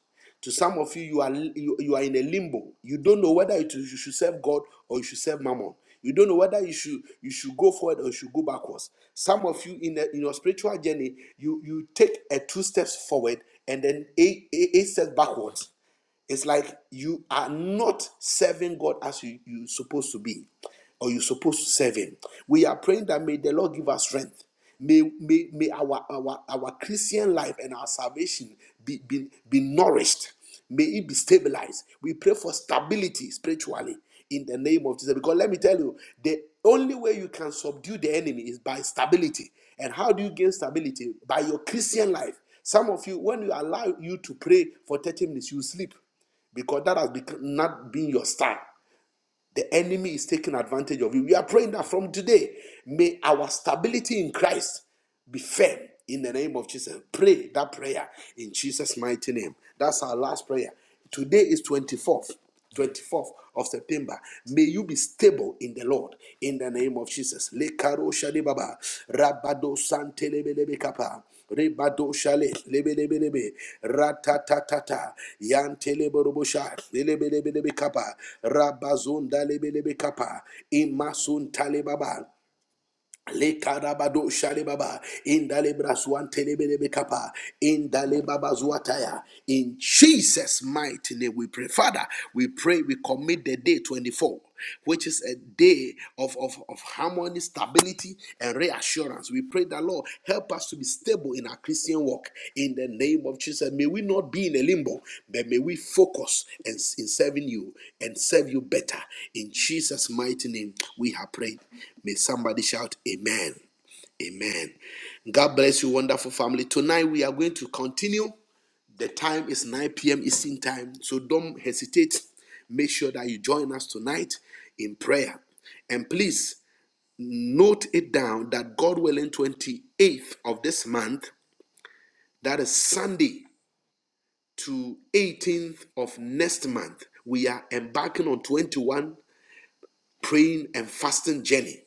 [SPEAKER 8] To some of you, you are you, you are in a limbo. You don't know whether it is- you should serve God or you should serve Mammon. You don't know whether you should you should go forward or you should go backwards. Some of you in, a, in your spiritual journey, you you take a two steps forward and then eight, eight, eight steps backwards. It's like you are not serving God as you, you supposed to be or you're supposed to serve Him. We are praying that may the Lord give us strength. May, may, may our, our, our Christian life and our salvation be, be, be nourished. May it be stabilized. We pray for stability spiritually in the name of Jesus. Because let me tell you, the only way you can subdue the enemy is by stability. And how do you gain stability? By your Christian life. Some of you, when you allow you to pray for 30 minutes, you sleep because that has become, not been your style. The enemy is taking advantage of you. We are praying that from today, may our stability in Christ be firm in the name of Jesus. Pray that prayer in Jesus' mighty name. That's our last prayer. Today is 24th. 24th of September. May you be stable in the Lord in the name of Jesus. Lekaro shadebaba, rabado santelebelebekapa. Ribado shale, lebe lebe lebe, ratatatata, yantele borobosha, lebe lebe lebe kapa, rabazunda lebe lebe kapa, imasun tale baba. Le karabado shale baba, indale braswan telebe lebe kapa, indale baba zuataya. In Jesus' mighty name we pray. Father, we pray we commit the day 24 which is a day of, of, of harmony, stability, and reassurance. We pray that, Lord, help us to be stable in our Christian walk in the name of Jesus. May we not be in a limbo, but may we focus and in serving you and serve you better. In Jesus' mighty name, we have prayed. May somebody shout, Amen. Amen. God bless you, wonderful family. Tonight we are going to continue. The time is 9 p.m. Eastern time, so don't hesitate. Make sure that you join us tonight in prayer. And please Note it down that God willing, 28th of this month, that is Sunday to 18th of next month, we are embarking on 21 praying and fasting journey.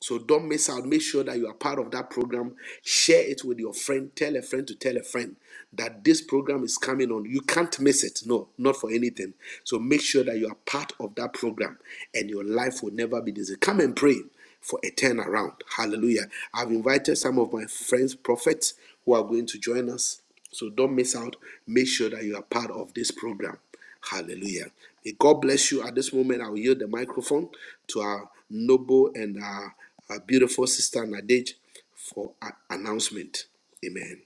[SPEAKER 8] So don't miss out. Make sure that you are part of that program. Share it with your friend. Tell a friend to tell a friend that this program is coming on. You can't miss it. No, not for anything. So make sure that you are part of that program and your life will never be the same. Come and pray for a turnaround. Hallelujah. I've invited some of my friends, prophets, who are going to join us. So don't miss out. Make sure that you are part of this program. Hallelujah. May God bless you. At this moment, I will yield the microphone to our noble and our, our beautiful sister Nadège for a- announcement. Amen.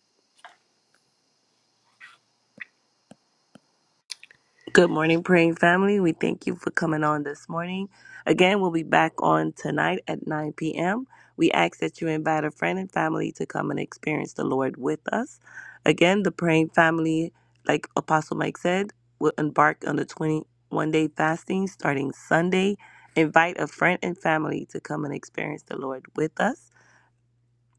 [SPEAKER 7] good morning, praying family. We thank you for coming on this morning. Again, we'll be back on tonight at 9 p.m. We ask that you invite a friend and family to come and experience the Lord with us. Again, the praying family, like Apostle Mike said, will embark on the 21 day fasting starting Sunday. Invite a friend and family to come and experience the Lord with us.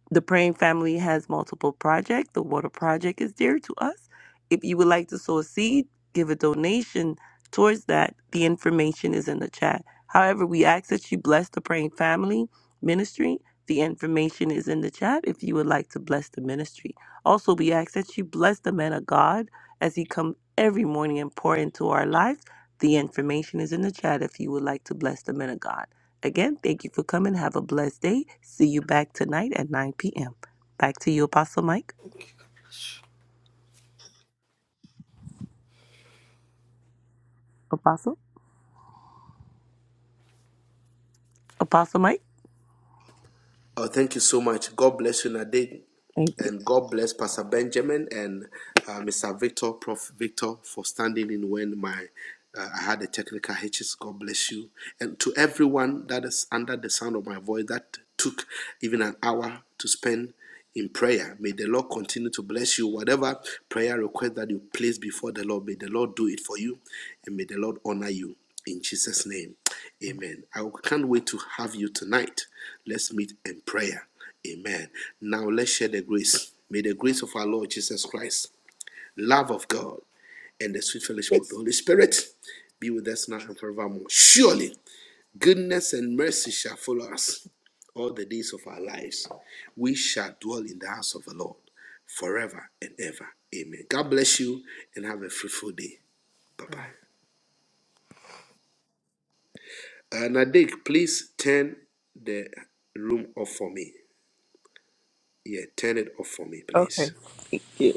[SPEAKER 7] The Praying Family has multiple projects. The water project is dear to us. If you would like to sow a seed, give a donation towards that. The information is in the chat. However, we ask that you bless the Praying Family ministry. The information is in the chat if you would like to bless the ministry. Also, we ask that you bless the man of God as he comes every morning and pour into our lives. The information is in the chat if you would like to bless the man of God. Again, thank you for coming. Have a blessed day. See you back tonight at 9 p.m. Back to you, Apostle Mike. Apostle? Apostle Mike?
[SPEAKER 8] Oh, thank you so much. God bless you, Nadège,
[SPEAKER 7] Thank you.
[SPEAKER 8] And God bless Pastor Benjamin and uh, Mr. Victor, Prof. Victor, for standing in when my uh, I had a technical hitches. God bless you. And to everyone that is under the sound of my voice that took even an hour to spend in prayer. May the Lord continue to bless you. Whatever prayer request that you place before the Lord, may the Lord do it for you and may the Lord honor you. In Jesus' name, amen. I can't wait to have you tonight. Let's meet in prayer. Amen. Now let's share the grace. May the grace of our Lord Jesus Christ, love of God, and the sweet fellowship of the Holy Spirit be with us now and forevermore. Surely. Goodness and mercy shall follow us all the days of our lives. We shall dwell in the house of the Lord forever and ever. Amen. God bless you and have a fruitful day. Bye bye. Uh, Nadik, please turn the room off for me. Yeah, turn it off for me, please.
[SPEAKER 7] Okay. Yeah.